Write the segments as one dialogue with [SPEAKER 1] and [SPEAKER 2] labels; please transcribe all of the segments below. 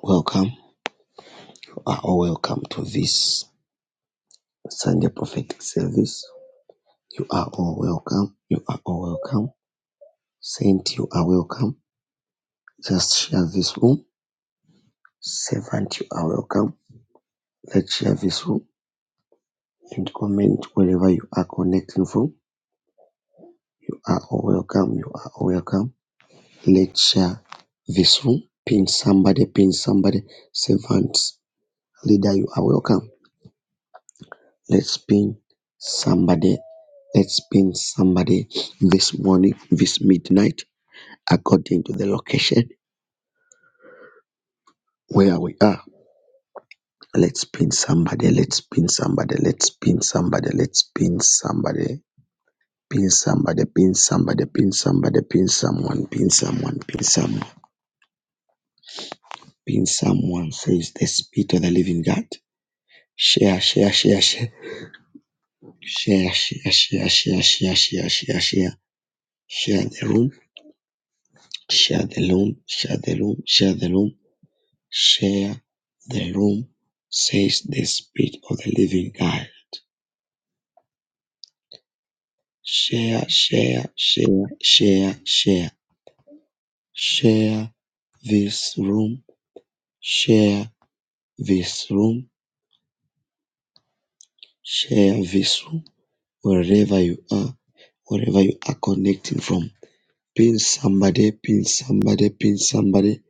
[SPEAKER 1] Welcome. You are all welcome to this Sunday prophetic service. You are all welcome. You are all welcome. Saint, you are welcome. Just share this room. Servant, you are welcome. Let's share this room and comment wherever you are connecting from. You are all welcome. You are all welcome. Let's share this room. Pin somebody, pin somebody. Servant, leader, you are welcome. Let's pin somebody. Let's pin somebody this morning, this midnight, according to the location where we are. Let's pin somebody. Let's pin somebody. Let's pin somebody. Let's pin somebody. Pin somebody. Pin somebody. Pin somebody. Pin someone. Pin someone. Pin someone. Pin someone. Says the spirit of the living God. Share. Share. Share. Share. Share. Share. Share. Share. Share. Share. Share. Share the room Share the room, share the room, share the room, share the room, says the Spirit of the Living God. Share, share, share, share, share, share this room, share this room, share this room, wherever you are, wherever you are connecting from. Pin somebody, pin somebody, pin somebody,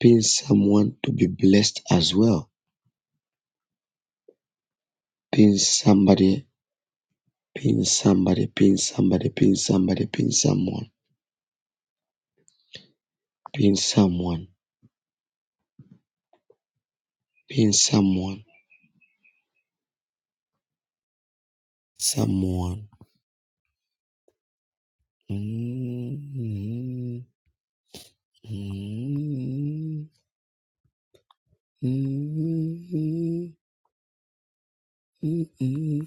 [SPEAKER 1] pin someone to be blessed as well. Pin somebody Pin somebody, pin somebody, pin somebody, pin someone, pin someone, pin someone, someone. Mm, mm, mm, mm, mm, mm, mm, mm, mm, mm, mm, mm,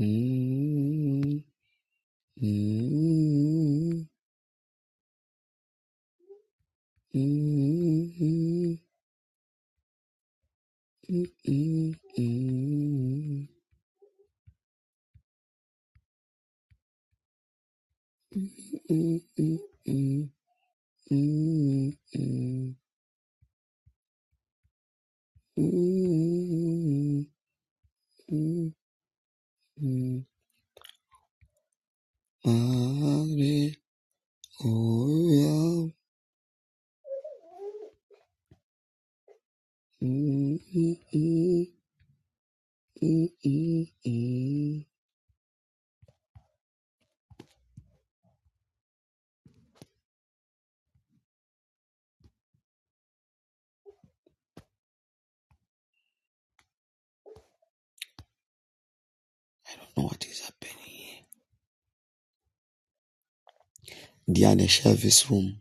[SPEAKER 1] mm, mm, mm, mm, mm. Hallelujah. I don't know what is happening here. They are in the service room.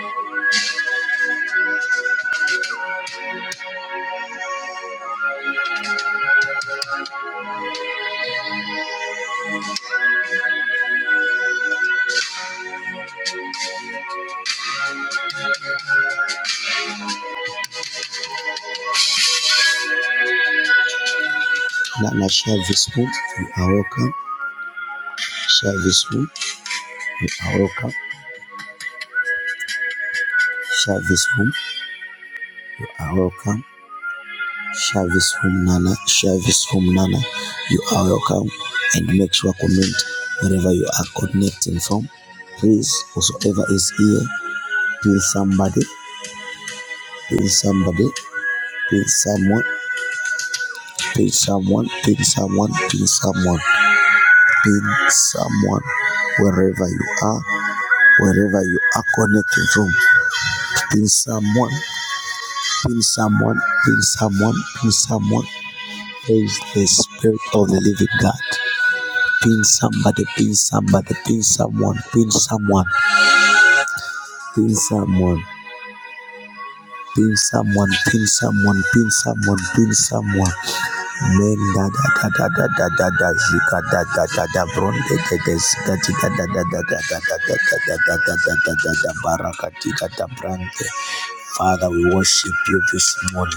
[SPEAKER 1] Thank you. Now, now share this room. You are welcome. Share this room. You are welcome. Share this room. You are welcome. Share this room, Nana. Share this room, Nana. You are welcome. And make sure comment wherever you are connecting from. Please, whosoever is here, pin somebody, pin somebody, pin someone, pin someone, pin someone, pin someone, pin someone. Wherever you are, wherever you are connecting from, pin someone Pin someone, pin someone, pin someone. Praise the Spirit of the Living God. Pin somebody, pin somebody, pin someone, pin someone, pin someone. Pin someone, pin someone, pin someone, pin someone. Men da da da da da da da zika da da da da bronde de de zika da da da da da da da da da da da da da baraka zika da brande. Father, we worship you this morning.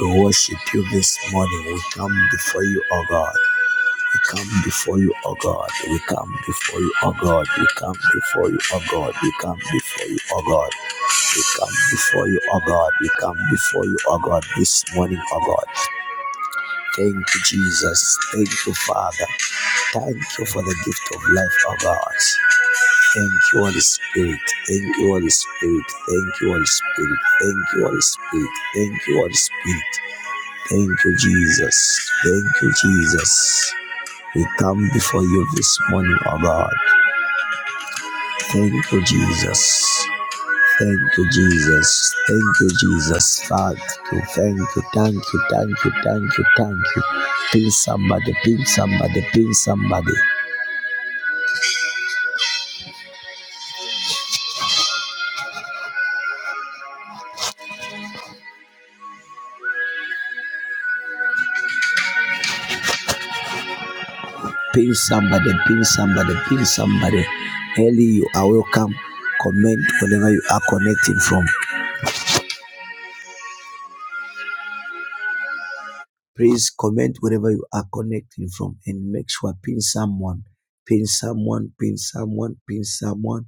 [SPEAKER 1] We worship you this morning. We come before you, O God. We come before you, O God. We come before you, O God. We come before you, O God. We come before you, O God. We come before you, O God. We come before you, O God, this morning, O God. Thank you, Jesus. Thank you, Father. Thank you for the gift of life, O God. Thank you, Holy Spirit. Thank you, Holy Spirit. Thank you, Holy Spirit. Thank you, Holy Spirit. Thank you, Holy Spirit. Thank you, Jesus. Thank you, Jesus. We come before you this morning, oh God. Thank you, Jesus. Thank you, Jesus. Thank you, Jesus. Thank you, thank you, thank you, thank you, thank you, thank you. Pin somebody, pin somebody, pin somebody, pin somebody, pin somebody, pin somebody. Ellie, you are welcome. Comment whenever you are connecting from. Please comment wherever you are connecting from and make sure pin someone, pin someone, pin someone, pin someone,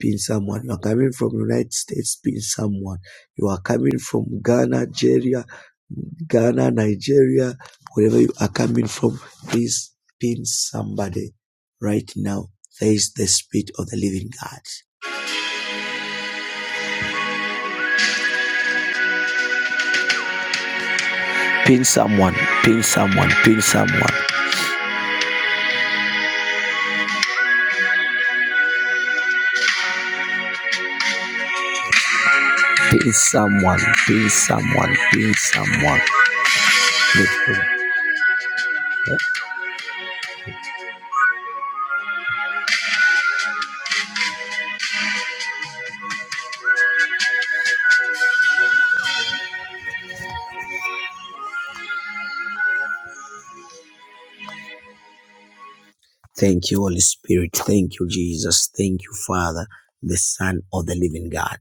[SPEAKER 1] pin someone. You are coming from United States, pin someone. You are coming from Ghana, Nigeria, Ghana, Nigeria, wherever you are coming from, please pin somebody right now. There is the spirit of the living God. Pin someone, pin someone, pin someone, pin someone, pin someone, pin someone. Pin someone. Thank you, Holy Spirit. Thank you, Jesus. Thank you, Father, the Son of the Living God.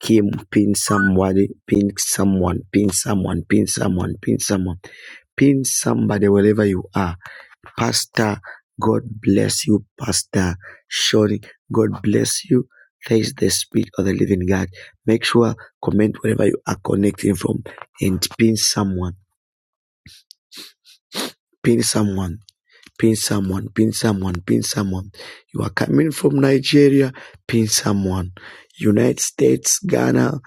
[SPEAKER 1] Kim, pin somebody, pin someone, pin someone, pin someone, pin someone, pin somebody wherever you are. Pastor, God bless you, Pastor. Shori, God bless you. Praise the Spirit of the Living God. Make sure comment wherever you are connecting from and pin someone, pin someone. Pin someone, pin someone, pin someone. You are coming from Nigeria, pin someone. United States, Ghana,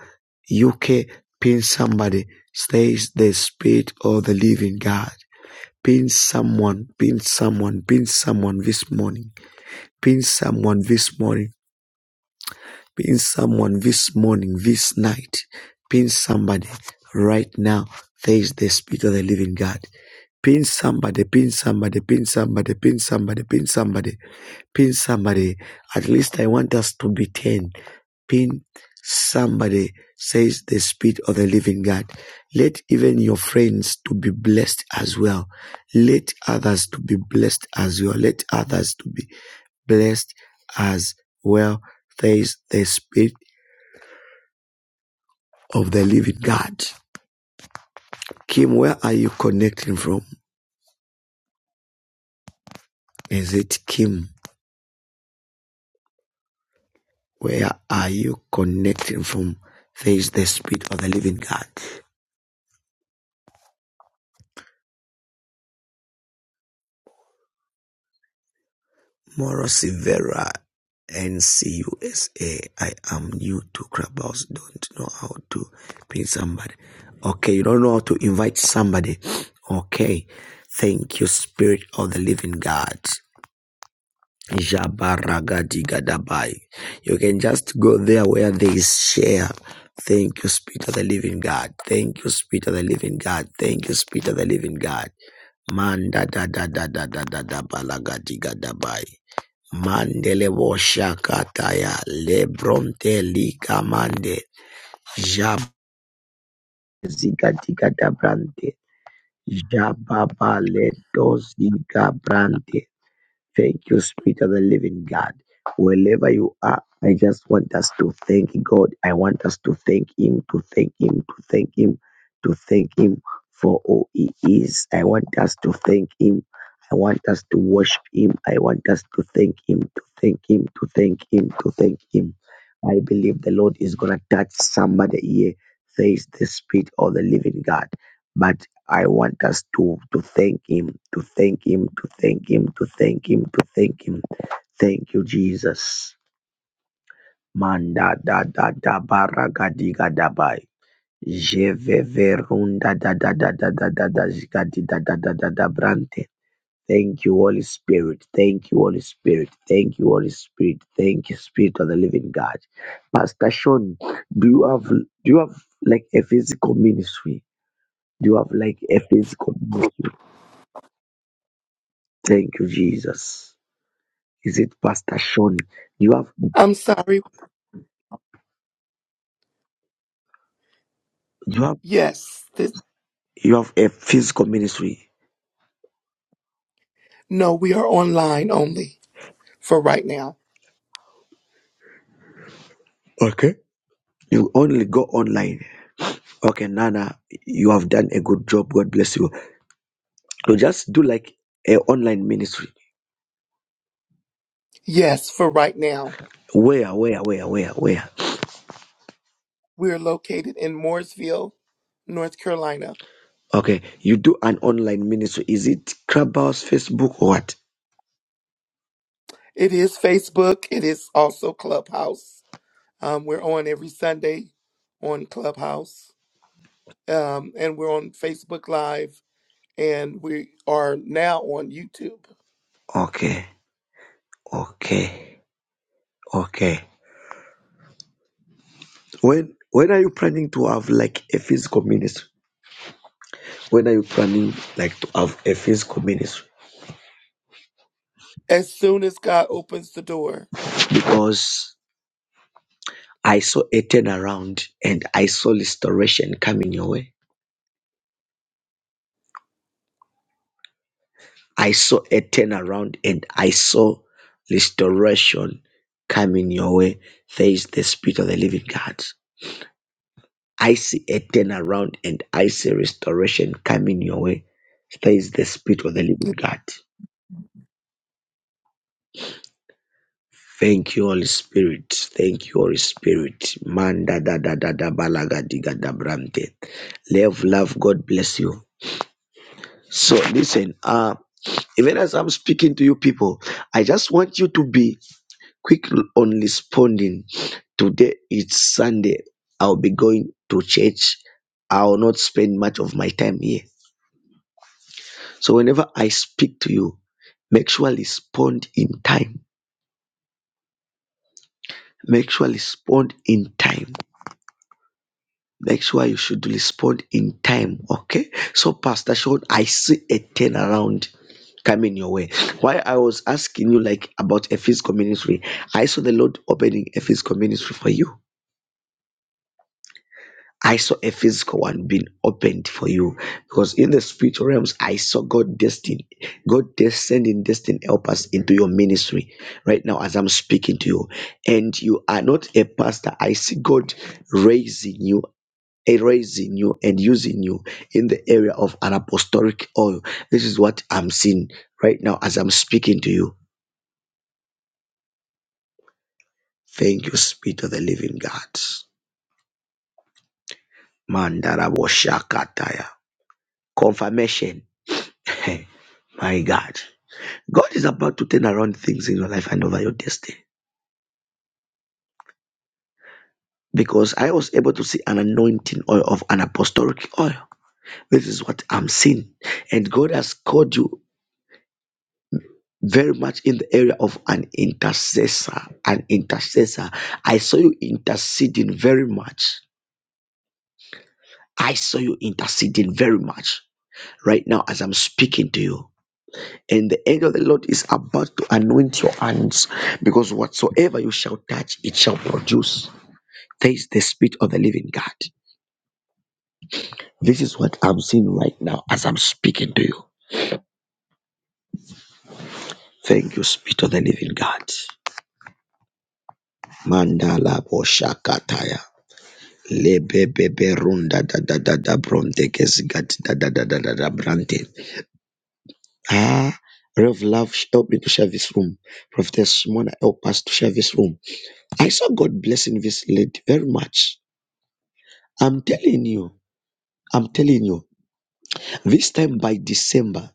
[SPEAKER 1] UK, pin somebody. Says the spirit of the living God. Pin someone, pin someone, pin someone this morning. Pin someone this morning. Pin someone this morning, this night. Pin somebody right now. Says the spirit of the living God. Pin somebody, pin somebody, pin somebody, pin somebody, pin somebody pin somebody. At least I want us to be 10. Pin somebody, says the Spirit of the living God. Let even your friends to be blessed as well. Let others to be blessed as well. Let others to be blessed as well, says the Spirit of the living God. Kim, where are you connecting from? Is it Kim? Where are you connecting from? There is the Spirit of the Living God. Morosivera, Silveira, NCUSA. I am new to Clubhouse. Don't know how to pin somebody. Okay, you don't know how to invite somebody. Okay. Thank you, Spirit of the Living God. Jabaragadigadabay. You can just go there where there is share. Thank you, Spirit of the Living God. Thank you, Spirit of the Living God. Thank you, Spirit of the Living God. Manda da da da da da da da balagadigadabay. Mandele boshakataya lebronte likamande jazigadigada brante jababa ledoziga brante Thank you, Spirit of the Living God. Wherever you are, I just want us to thank God. I want us to thank Him, to thank Him, to thank Him, to thank Him for all He is. I want us to thank Him. I want us to worship Him. I want us to thank Him, to thank Him, to thank Him, to thank Him. I believe the Lord is going to touch somebody here. There is the Spirit of the Living God. But I want us to to thank him, to thank him, to thank him, to thank him, to thank him. Thank you, Jesus. Manda da da da baragadiga dabai. Je ve ve runda da da da da da da da zigadi da da da da da brante. Thank you, Holy Spirit. Thank you, Holy Spirit. Thank you, Holy Spirit. Thank you, Spirit of the Living God. Pastor Sean, do you have do you have like a physical ministry? Do you have like a physical ministry? Thank you, Jesus. Is it Pastor Shawnee? You have
[SPEAKER 2] I'm sorry.
[SPEAKER 1] you have
[SPEAKER 2] Yes. This,
[SPEAKER 1] you have a physical ministry.
[SPEAKER 2] no, we are online only for right now.
[SPEAKER 1] Okay. You only go online. Okay, Nana, you have done a good job. God bless you. So just do like a online ministry.
[SPEAKER 2] Yes, for right now.
[SPEAKER 1] Where, where, where, where, where?
[SPEAKER 2] We're located in Mooresville, North Carolina.
[SPEAKER 1] Okay. You do an online ministry. Is it Clubhouse, Facebook, or what?
[SPEAKER 2] It is Facebook. It is also Clubhouse. Um, we're on every Sunday on Clubhouse. Um, and we're on Facebook Live. And we are now on YouTube.
[SPEAKER 1] Okay. Okay. Okay. When when are you planning to have like a physical ministry? When are you planning like to have a physical ministry?
[SPEAKER 2] As soon as God opens the door.
[SPEAKER 1] because I saw a turnaround and I saw restoration coming your way. I saw a turnaround and I saw restoration coming your way. There is the Spirit of the Living God. I see a turnaround and I see restoration coming your way. There is the Spirit of the Living God. Thank you, Holy Spirit. Thank you, Holy Spirit. Manda da da da da balaga diga da brante. Love, love. God bless you. So listen. Um. Even as I'm speaking to you people, I just want you to be quick on responding. Today it's Sunday. I'll be going to church. I will not spend much of my time here. So whenever I speak to you, make sure respond in time. Make sure respond in time. Make sure you should respond in time. Okay. So Pastor Sean, I see a turnaround. coming your way. Why I was asking you like about a physical ministry, I saw the Lord opening a physical ministry for you. I saw a physical one being opened for you because in the spiritual realms, I saw God destined, God des- sending destined helpers into your ministry right now as I'm speaking to you. And you are not a pastor. I see God raising you, eh, raising you and using you in the area of an apostolic oil. This is what I'm seeing right now as I'm speaking to you Thank you, Spirit of the Living God. Mandarabashakataya. Confirmation. My God. God is about to turn around things in your life and over your destiny. Because I was able to see an anointing oil of an apostolic oil. This is what I'm seeing. And God has called you very much in the area of an intercessor. An intercessor. I saw you interceding very much. I saw you interceding very much right now as I'm speaking to you. And the angel of the Lord is about to anoint your hands because whatsoever you shall touch, it shall produce. There is the Spirit of the living God. This is what I'm seeing right now as I'm speaking to you. Thank you, Spirit of the living God. Mandala boshakataya. Lebebebe runda da da da da bronte kezigat da da da da da da brante. Ah, Rev Love, help me to share this room. Prophetess Mona, help us to share this room. I saw God blessing this lady very much I'm telling you, I'm telling you, this time by December,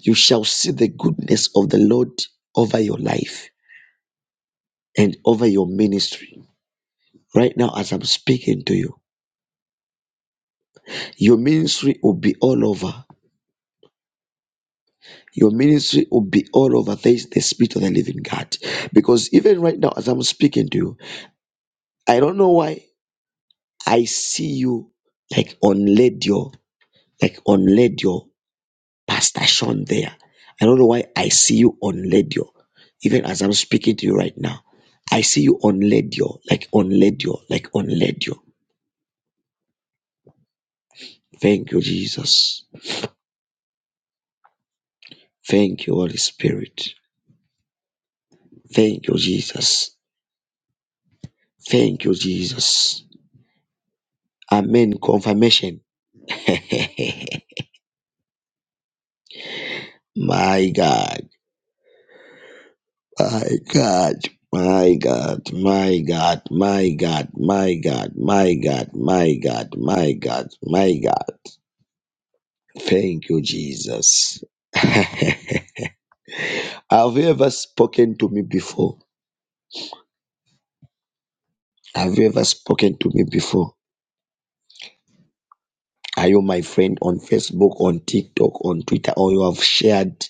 [SPEAKER 1] you shall see the goodness of the Lord over your life and over your ministry. Right now, as I'm speaking to you, your ministry will be all over. Your ministry will be all over. There is the Spirit of the Living God. Because even right now, as I'm speaking to you, I don't know why I see you like on radio, like on radio Pastor Sean there. I don't know why I see you on Ledio. Even as I'm speaking to you right now, I see you on Ledio, like on Ledio, like on Ledio. Thank you, Jesus. Thank you, Holy Spirit. Thank you, Jesus. Thank you, Jesus. Amen. Confirmation. my God. My God. My God. My God. My God. My God. My God. My God. My God. My God. Thank you, Jesus. Have you ever spoken to me before? Have you ever spoken to me before? Are you my friend on Facebook, on TikTok, on Twitter, or you have shared?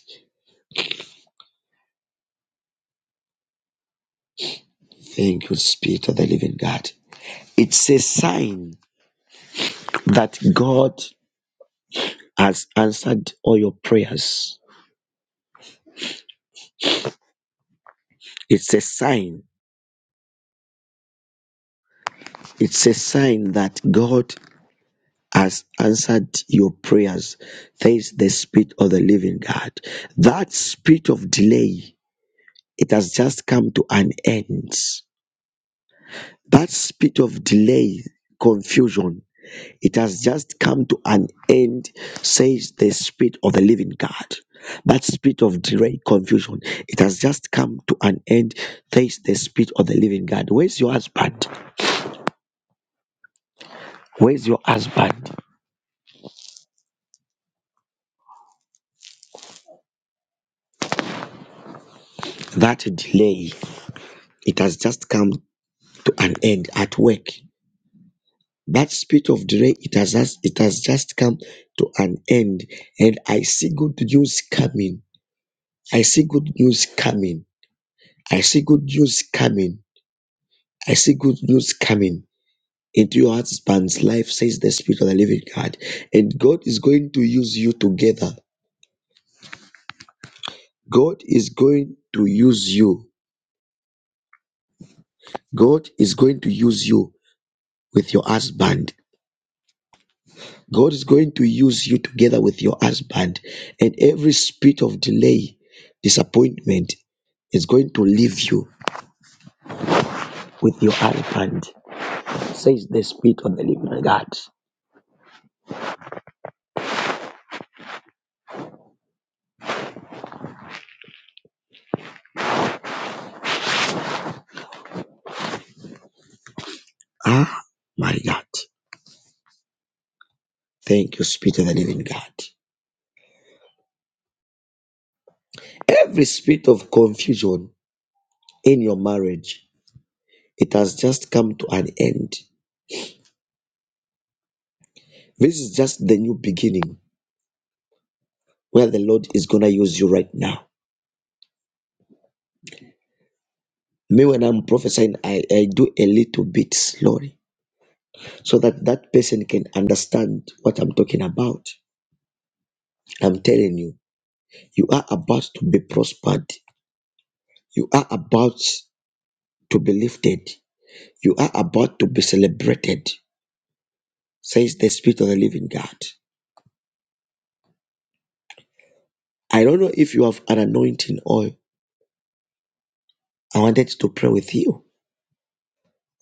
[SPEAKER 1] Thank you, Spirit of the Living God. It's a sign that God has answered all your prayers. It's a sign. It's a sign that God has answered your prayers. There is the Spirit of the Living God. That spirit of delay it has just come to an end. That spirit of delay, confusion, it has just come to an end, says the spirit of the living God. That spirit of delay, confusion, it has just come to an end, says the spirit of the living God. Where's your husband? Where's your husband? That delay, it has just come to an end at work. That spirit of delay, it has just, it has just come to an end, and I see good news coming. I see good news coming. I see good news coming. I see good news coming into your husband's life, says the Spirit of the Living God. And God is going to use you together. God is going to use you. God is going to use you with your husband. God is going to use you together with your husband. And every spirit of delay, disappointment is going to leave you with your husband, says the Spirit of the Living God. Ah, my God. Thank you, Spirit of the Living God. Every spirit of confusion in your marriage, it has just come to an end. This is just the new beginning where the Lord is going to use you right now. Me, when I'm prophesying, I, I do a little bit slowly so that that person can understand what I'm talking about. I'm telling you, you are about to be prospered. You are about to be lifted. You are about to be celebrated. says the Spirit of the Living God. I don't know if you have an anointing oil. I wanted to pray with you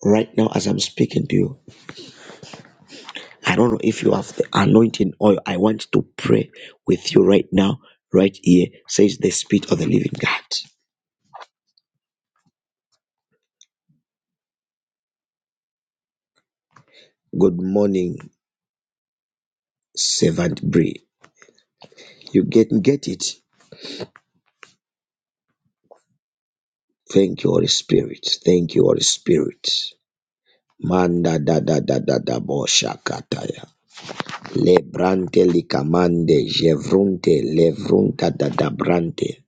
[SPEAKER 1] right now as I'm speaking to you. I don't know if you have the anointing oil. I want to pray with you right now, right here, says the Spirit of the Living God. Good morning, servant Bree. You get get it. Thank you, Holy Spirit. Thank you, Holy Spirit. Manda da da da da da bo shakataya. Lebrante likamande jevrunte levrunta dadabrante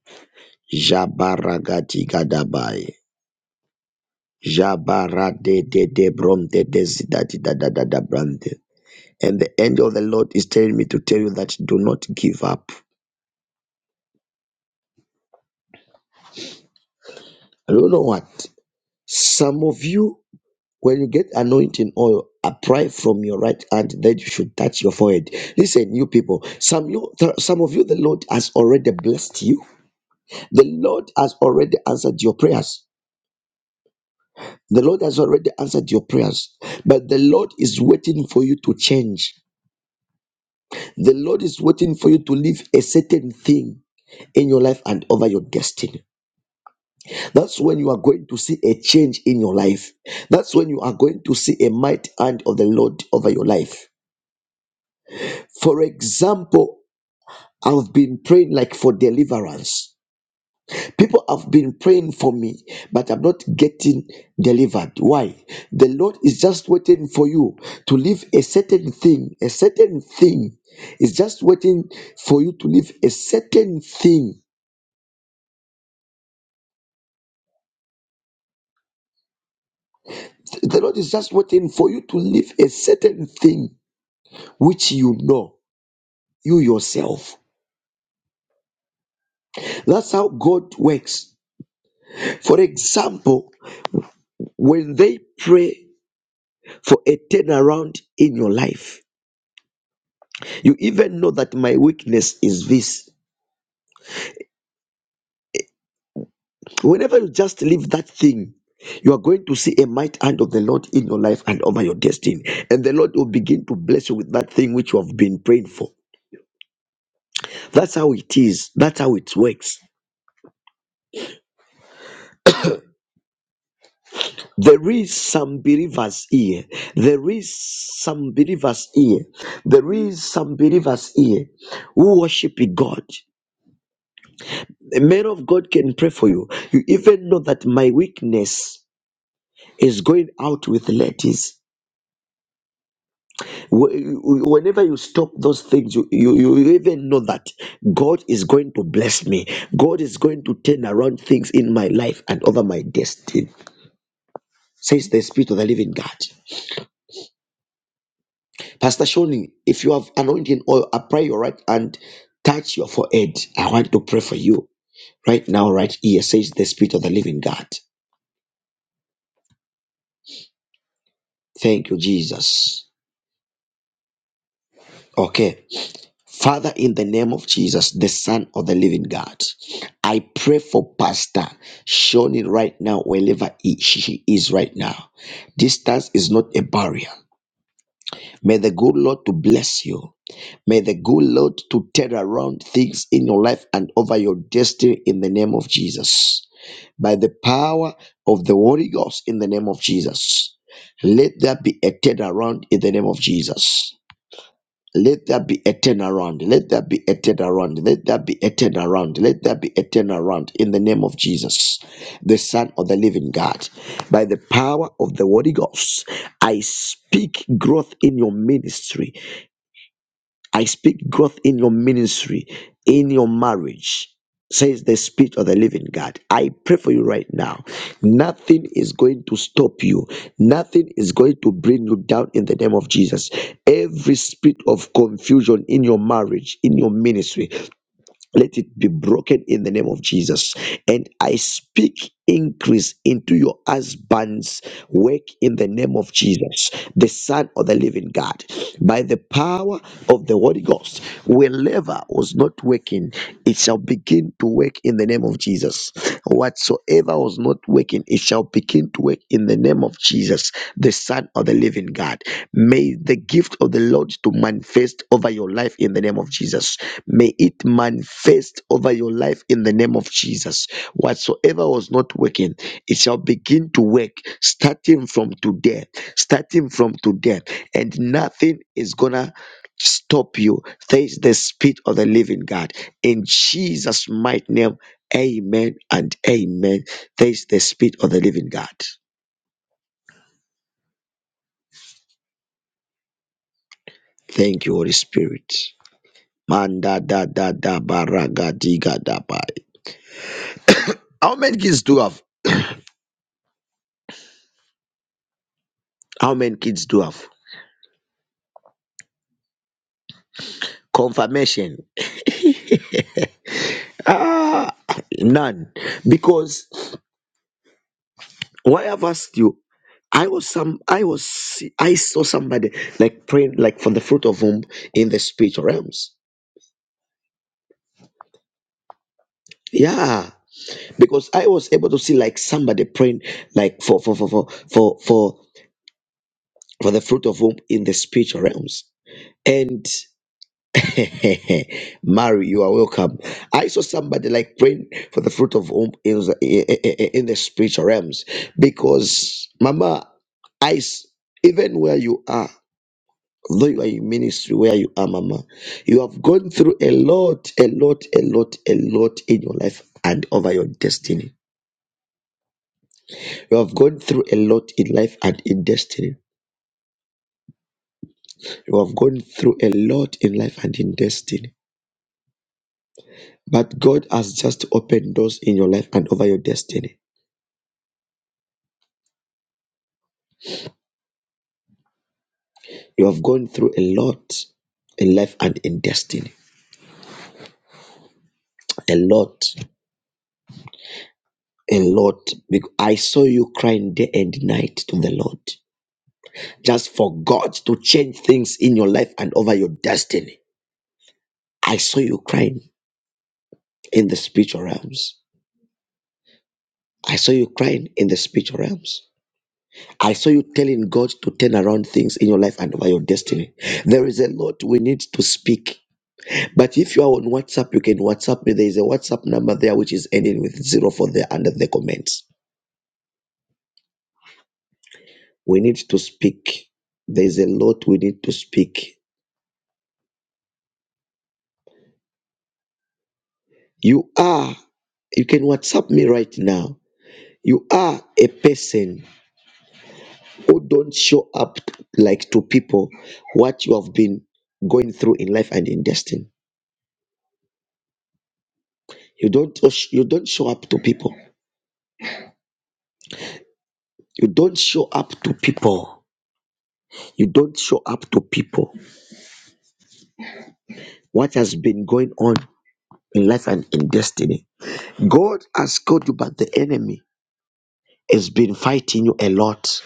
[SPEAKER 1] jabaragati gadabai jabarade de de debronte desidati dadadabrante. And the angel of the Lord is telling me to tell you that do not give up. And you know what? Some of you, when you get anointing oil, apply from your right hand, then you should touch your forehead. Listen, you people, some you some of you, the Lord has already blessed you. The Lord has already answered your prayers. The Lord has already answered your prayers, but the Lord is waiting for you to change. The Lord is waiting for you to leave a certain thing in your life and over your destiny. That's when you are going to see a change in your life. That's when you are going to see a mighty hand of the Lord over your life. For example, I've been praying like for deliverance. People have been praying for me, but I'm not getting delivered. Why? The Lord is just waiting for you to leave a certain thing. A certain thing is just waiting for you to leave a certain thing. The Lord is just waiting for you to leave a certain thing which you know, you yourself. That's how God works. For example, when they pray for a turnaround in your life, you even know that my weakness is this. Whenever you just leave that thing, you are going to see a might hand of the Lord in your life and over your destiny. And the Lord will begin to bless you with that thing which you have been praying for. That's how it is. That's how it works. There is some believers here. There is some believers here. There is some believers here who worship God. The man of God can pray for you. You even know that my weakness is going out with ladies. Wh- whenever you stop those things you, you you even know that god is going to bless me god is going to turn around things in my life and over my destiny says the spirit of the living god pastor shoni if you have anointing oil apply your right hand touch your forehead i want to pray for you right now right here says the spirit of the living god thank you jesus okay Father, in the name of Jesus, the Son of the Living God, I pray for Pastor Shoni right now, wherever he- she she is right now. Distance is not a barrier. May the good Lord to bless you. May the good Lord to turn around things in your life and over your destiny in the name of Jesus. By the power of the Holy Ghost in the name of Jesus. Let there be a turnaround in the name of Jesus. Let there be a turnaround. Let there be a turnaround. Let there be a turnaround. Let there be a turnaround in the name of Jesus, the Son of the Living God. By the power of the Holy Ghost, I speak growth in your ministry. I speak growth in your ministry, in your marriage, says the Spirit of the living God. I pray for you right now. Nothing is going to stop you, nothing is going to bring you down in the name of Jesus. Every spirit of confusion in your marriage, in your ministry, let it be broken in the name of Jesus. And I speak increase into your husband's work in the name of Jesus, the Son of the Living God. By the power of the Holy Ghost, wherever was not working, it shall begin to work in the name of Jesus. Whatsoever was not working, it shall begin begin to work in the name of Jesus, the Son of the Living God. May the gift of the Lord to manifest over your life in the name of Jesus. May it manifest over your life in the name of Jesus. Whatsoever was not working, it shall begin to work starting from today. Starting from today, and nothing is gonna stop you. Thanks the Spirit of the Living God in Jesus' mighty name. Amen and amen. Taste the Spirit of the living God. Thank you, Holy Spirit. Manda da da da baraga diga da bai. How many kids do you have? How many kids do you have? Confirmation. Ah, none. Because why I've asked you, I was some, I was, I saw somebody like praying like from the fruit of womb in the spiritual realms. Yeah, because I was able to see like somebody praying like for for for for for for, for the fruit of womb in the spiritual realms. And Mary, you are welcome. I saw somebody like praying for the fruit of womb in the, in the spiritual realms because, Mama, I s- even where you are, though you are in ministry, where you are, Mama, you have gone through a lot, a lot, a lot, a lot in your life and over your destiny. You have gone through a lot in life and in destiny. You have gone through a lot in life and in destiny But God has just opened doors in your life and over your destiny. You have gone through a lot in life and in destiny. A lot. A lot. Bec- I saw you crying day and night to the Lord just for God to change things in your life and over your destiny. I saw you crying in the spiritual realms. I saw you crying in the spiritual realms. I saw you telling God to turn around things in your life and over your destiny. There is a lot we need to speak But if you are on WhatsApp, you can WhatsApp me. There is a WhatsApp number there which is ending with zero for there under the comments. We need to speak. There is a lot we need to speak. You are, you can WhatsApp me right now. You are a person who don't show up like to people what you have been going through in life and in destiny. You don't you don't show up to people. You don't show up to people. You don't show up to people. What has been going on in life and in destiny. God has called you, but the enemy has been fighting you a lot.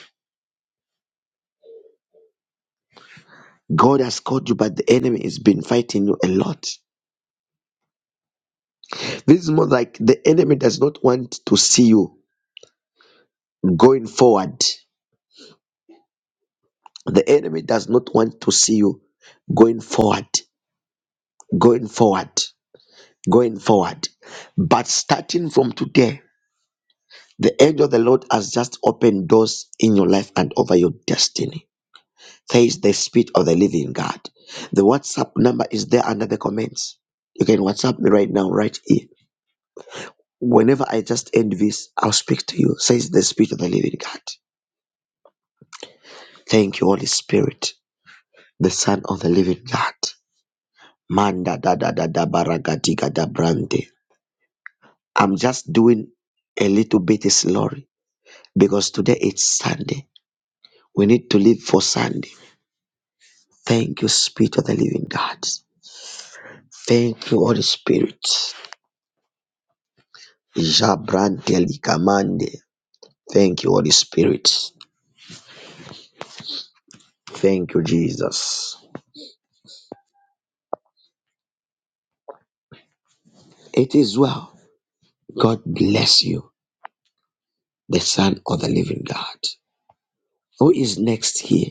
[SPEAKER 1] God has called you, but the enemy has been fighting you a lot. This is more like the enemy does not want to see you going forward. The enemy does not want to see you going forward, going forward, going forward. But starting from today, the angel of the Lord has just opened doors in your life and over your destiny. says the Spirit of the Living God. The WhatsApp number is there under the comments. You can WhatsApp me right now, right here. Whenever I just end this, I'll speak to you, says the Spirit of the Living God. Thank you, Holy Spirit, the Son of the Living God. Manda da da da da baragadiga da brande. I'm just doing a little bit slowly because today it's Sunday. We need to live for Sunday. Thank you, Spirit of the Living God. Thank you, Holy Spirit. Jabrantelicamande. Thank you, Holy Spirit. Thank you, Jesus. It is well. God bless you, the Son of the Living God. Who is next here?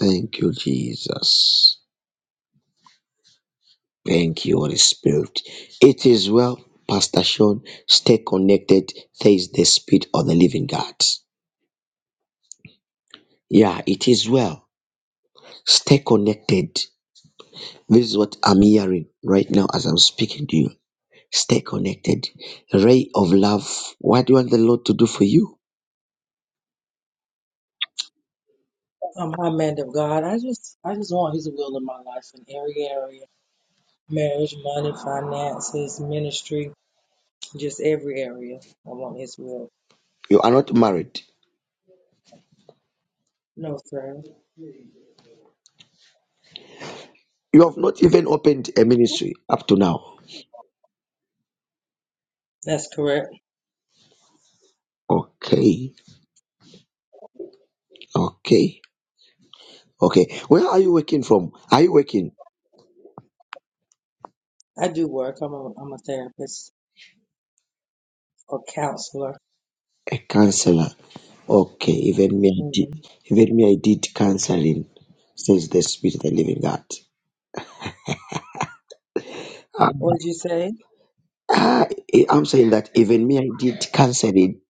[SPEAKER 1] Thank you, Jesus. Thank you, Holy Spirit. It is well, Pastor Sean. Stay connected. Says the Spirit of the Living God. Yeah, it is well. Stay connected. This is what I'm hearing right now as I'm speaking to you. Stay connected. Ray of love. What do you want the Lord to do for you?
[SPEAKER 3] I'm man of God. I just I just want his will in my life in every area. Marriage, money, finances, ministry, just every area. I want his will.
[SPEAKER 1] You are not married.
[SPEAKER 3] No, sir.
[SPEAKER 1] You have not even opened a ministry up to now.
[SPEAKER 3] That's correct.
[SPEAKER 1] Okay. Okay. Okay. Where are you working from? Are you working?
[SPEAKER 3] I do work. I'm a I'm a therapist or counselor.
[SPEAKER 1] A counselor. Okay. Even me, I
[SPEAKER 3] hmm
[SPEAKER 1] did, even me, I did counseling, says the Spirit of the Living God. Ah,
[SPEAKER 3] What did you say?
[SPEAKER 1] ah, eh, I'm saying that even me, I did counseling.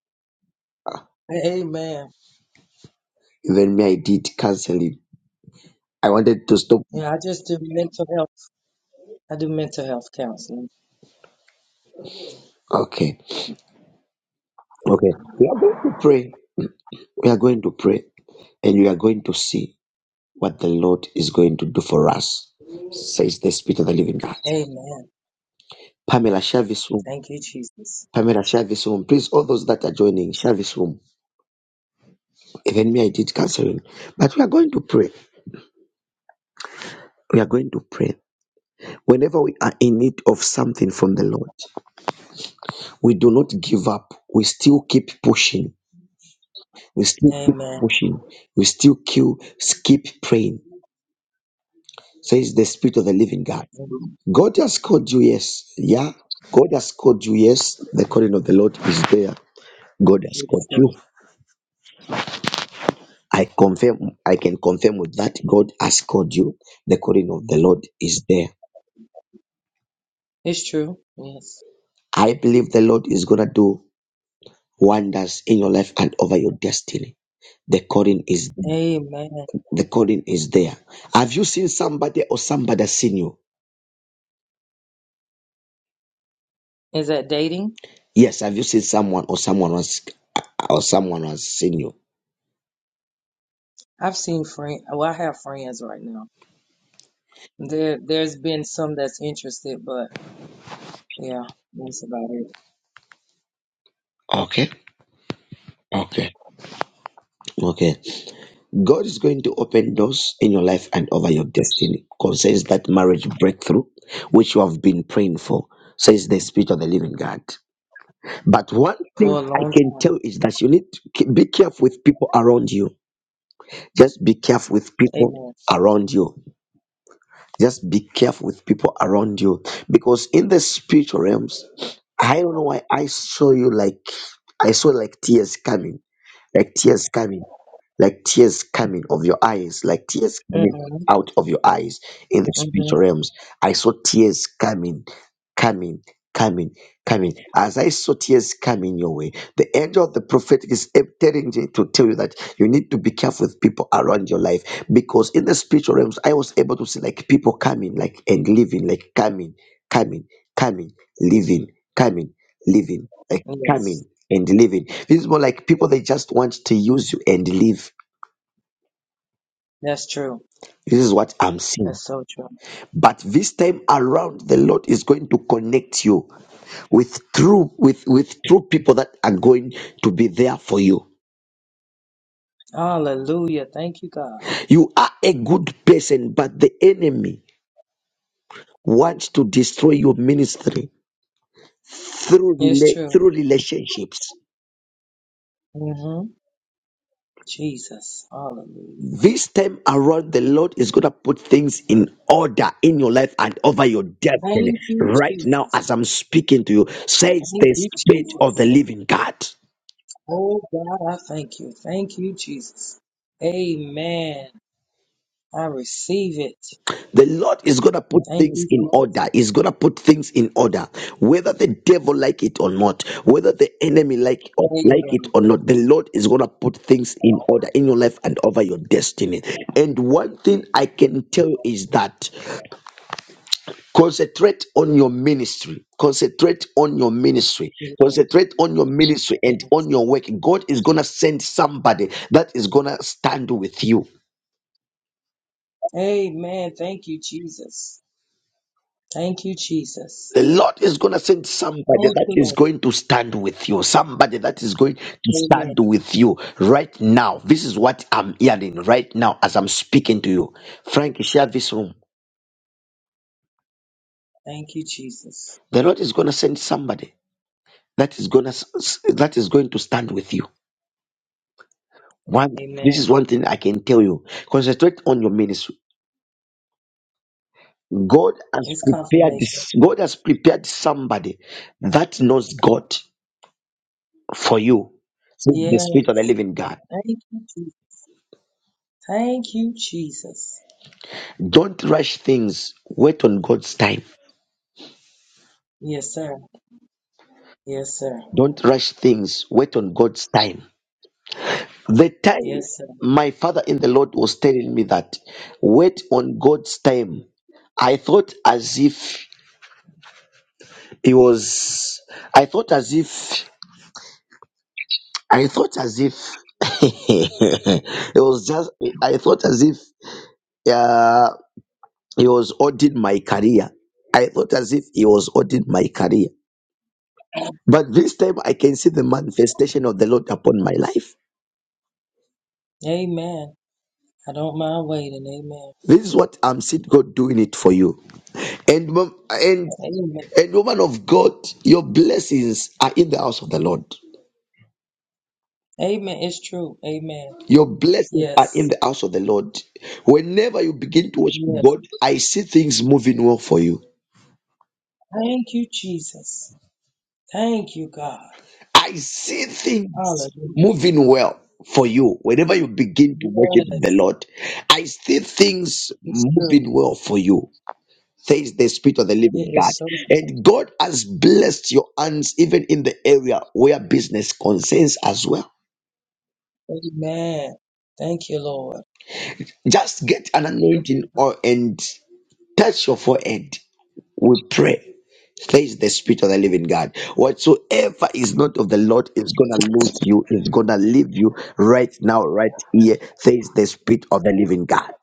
[SPEAKER 3] Amen.
[SPEAKER 1] Even me, I did counseling. I wanted to stop.
[SPEAKER 3] Yeah, I just do mental health. I do mental health counseling.
[SPEAKER 1] Okay. Okay. We are going to pray. We are going to pray and we are going to see what the Lord is going to do for us, says the Spirit of the Living God.
[SPEAKER 3] Amen.
[SPEAKER 1] Pamela, share this room.
[SPEAKER 3] Thank you, Jesus.
[SPEAKER 1] Pamela, share this room. Please, all those that are joining, share this room. Even me, I did counseling. But we are going to pray. We are going to pray. Whenever we are in need of something from the Lord, we do not give up. We still keep pushing. We still keep
[SPEAKER 3] Amen.
[SPEAKER 1] pushing. We still keep, keep praying, says the Spirit of the Living God.
[SPEAKER 3] Mhm.
[SPEAKER 1] God has called you, yes. Yeah. God has called you, yes. The calling of the Lord is there. God has called
[SPEAKER 3] It's true.
[SPEAKER 1] you. I confirm, I can confirm with that. God has called you. The calling of the Lord is there.
[SPEAKER 3] It's true. Yes.
[SPEAKER 1] I believe the Lord is gonna do wonders in your life and over your destiny. The calling is
[SPEAKER 3] Amen.
[SPEAKER 1] the calling is there. Have you seen somebody or somebody has seen you?
[SPEAKER 3] Is that dating?
[SPEAKER 1] Yes, have you seen someone or someone was or someone has seen you?
[SPEAKER 3] I've seen friend. Well, I have friends right now. There, there's been some that's interested, but yeah, that's about it
[SPEAKER 1] Okay. Okay. Okay. God is going to open doors in your life and over your destiny. Concerns that marriage breakthrough, which you have been praying for, says the Spirit of the Living God. But one
[SPEAKER 3] for
[SPEAKER 1] thing
[SPEAKER 3] a
[SPEAKER 1] I
[SPEAKER 3] long
[SPEAKER 1] can
[SPEAKER 3] time.
[SPEAKER 1] tell is that you need to ke- be careful with people around you. Just be careful with people
[SPEAKER 3] Amen.
[SPEAKER 1] around you. Just be careful with people around you. Because in the spiritual realms, I don't know why I saw you like I saw like tears coming. Like tears coming. like tears coming of your eyes, like tears coming
[SPEAKER 3] Mm-hmm.
[SPEAKER 1] out of your eyes in the
[SPEAKER 3] Mm-hmm.
[SPEAKER 1] spiritual realms. I saw tears coming, coming, coming, coming. As I saw tears coming your way, the angel of the prophet is telling you to tell you that you need to be careful with people around your life because in the spiritual realms, I was able to see like people coming, like and leaving, like coming, coming, coming, leaving, coming, leaving, like
[SPEAKER 3] Yes,
[SPEAKER 1] coming and living. This is more like people they just want to use you and live.
[SPEAKER 3] that's true.
[SPEAKER 1] This is what I'm seeing.
[SPEAKER 3] That's so true.
[SPEAKER 1] But this time around, the Lord is going to connect you with true with with true people that are going to be there for you.
[SPEAKER 3] Hallelujah. Thank you, God.
[SPEAKER 1] You are a good person, but the enemy wants to destroy your ministry through
[SPEAKER 3] It's
[SPEAKER 1] rela-
[SPEAKER 3] true.
[SPEAKER 1] through relationships.
[SPEAKER 3] Mm-hmm. Jesus. Hallelujah.
[SPEAKER 1] This time around, the Lord is going to put things in order in your life and over your destiny.
[SPEAKER 3] Thank you,
[SPEAKER 1] Right now,
[SPEAKER 3] Jesus.
[SPEAKER 1] as I'm speaking to you, says
[SPEAKER 3] Thank
[SPEAKER 1] the
[SPEAKER 3] you,
[SPEAKER 1] Spirit of
[SPEAKER 3] Jesus.
[SPEAKER 1] the Living God.
[SPEAKER 3] Oh God, I thank you. Thank you, Jesus. Amen. I receive it.
[SPEAKER 1] The Lord is going to put
[SPEAKER 3] Thank
[SPEAKER 1] things
[SPEAKER 3] you,
[SPEAKER 1] in
[SPEAKER 3] Jesus.
[SPEAKER 1] order. He's going to put things in order. Whether the devil like it or not, whether the enemy like or like
[SPEAKER 3] Amen.
[SPEAKER 1] it or not, the Lord is going to put things in order in your life and over your destiny. And one thing I can tell you is that Concentrate on your ministry. Concentrate on your ministry.
[SPEAKER 3] Amen.
[SPEAKER 1] Concentrate on your ministry and
[SPEAKER 3] Yes.
[SPEAKER 1] on your work. God is going to send somebody that is going to stand with you.
[SPEAKER 3] Amen. Thank you, Jesus. Thank you, Jesus.
[SPEAKER 1] The Lord is going to send somebody
[SPEAKER 3] Thank
[SPEAKER 1] that
[SPEAKER 3] you,
[SPEAKER 1] is
[SPEAKER 3] Lord.
[SPEAKER 1] going to stand with you. Somebody that is going to
[SPEAKER 3] Amen.
[SPEAKER 1] stand with you right now. This is what I'm hearing right now as I'm speaking to you. Frank, share this room.
[SPEAKER 3] Thank you, Jesus.
[SPEAKER 1] The Lord is going to send somebody that is going to that is going to stand with you One, this
[SPEAKER 3] Amen.
[SPEAKER 1] is one thing I can tell you. Concentrate on your ministry. God has
[SPEAKER 3] It's
[SPEAKER 1] prepared
[SPEAKER 3] confirmation.
[SPEAKER 1] this. God has prepared somebody that knows God for you. Says the
[SPEAKER 3] Yeah.
[SPEAKER 1] Spirit of the Living God.
[SPEAKER 3] Thank you, Jesus. Thank you, Jesus.
[SPEAKER 1] Don't rush things. Wait on God's time.
[SPEAKER 3] Yes, sir. Yes, sir.
[SPEAKER 1] Don't rush things. Wait on God's time. The time
[SPEAKER 3] Yes, sir.
[SPEAKER 1] my father in the Lord was telling me that wait on God's time. I thought as if he was. I thought as if. I thought as if it was just, I thought as if uh, he was auditing my career. I thought as if he was auditing my career. But this time I can see the manifestation of the Lord upon my life.
[SPEAKER 3] Amen. I don't mind waiting. Amen.
[SPEAKER 1] This is what I'm seeing God doing it for you. And, mom- and,
[SPEAKER 3] Amen.
[SPEAKER 1] and woman of God, your blessings are in the house of the Lord.
[SPEAKER 3] Amen. It's true. Amen.
[SPEAKER 1] Your blessings are in
[SPEAKER 3] Yes.
[SPEAKER 1] the house of the Lord. Whenever you begin to worship
[SPEAKER 3] Yes.
[SPEAKER 1] God, I see things moving well for you.
[SPEAKER 3] Thank you, Jesus. Thank you, God.
[SPEAKER 1] I see things
[SPEAKER 3] Hallelujah.
[SPEAKER 1] moving well for you whenever you begin to worship the
[SPEAKER 3] Yes.
[SPEAKER 1] Lord. I see things
[SPEAKER 3] It's true.
[SPEAKER 1] moving well for you. Says the Spirit of the Living
[SPEAKER 3] It
[SPEAKER 1] God.
[SPEAKER 3] is so good.
[SPEAKER 1] And God has blessed your hands even in the area where business concerns as well.
[SPEAKER 3] Amen. Thank you, Lord.
[SPEAKER 1] Just get an
[SPEAKER 3] Thank
[SPEAKER 1] anointing
[SPEAKER 3] you.
[SPEAKER 1] oil and touch your forehead. we pray. Says the Spirit of the Living God. Whatsoever is not of the Lord is gonna lose you, is gonna leave you right now, right here. Says the Spirit of the Living God.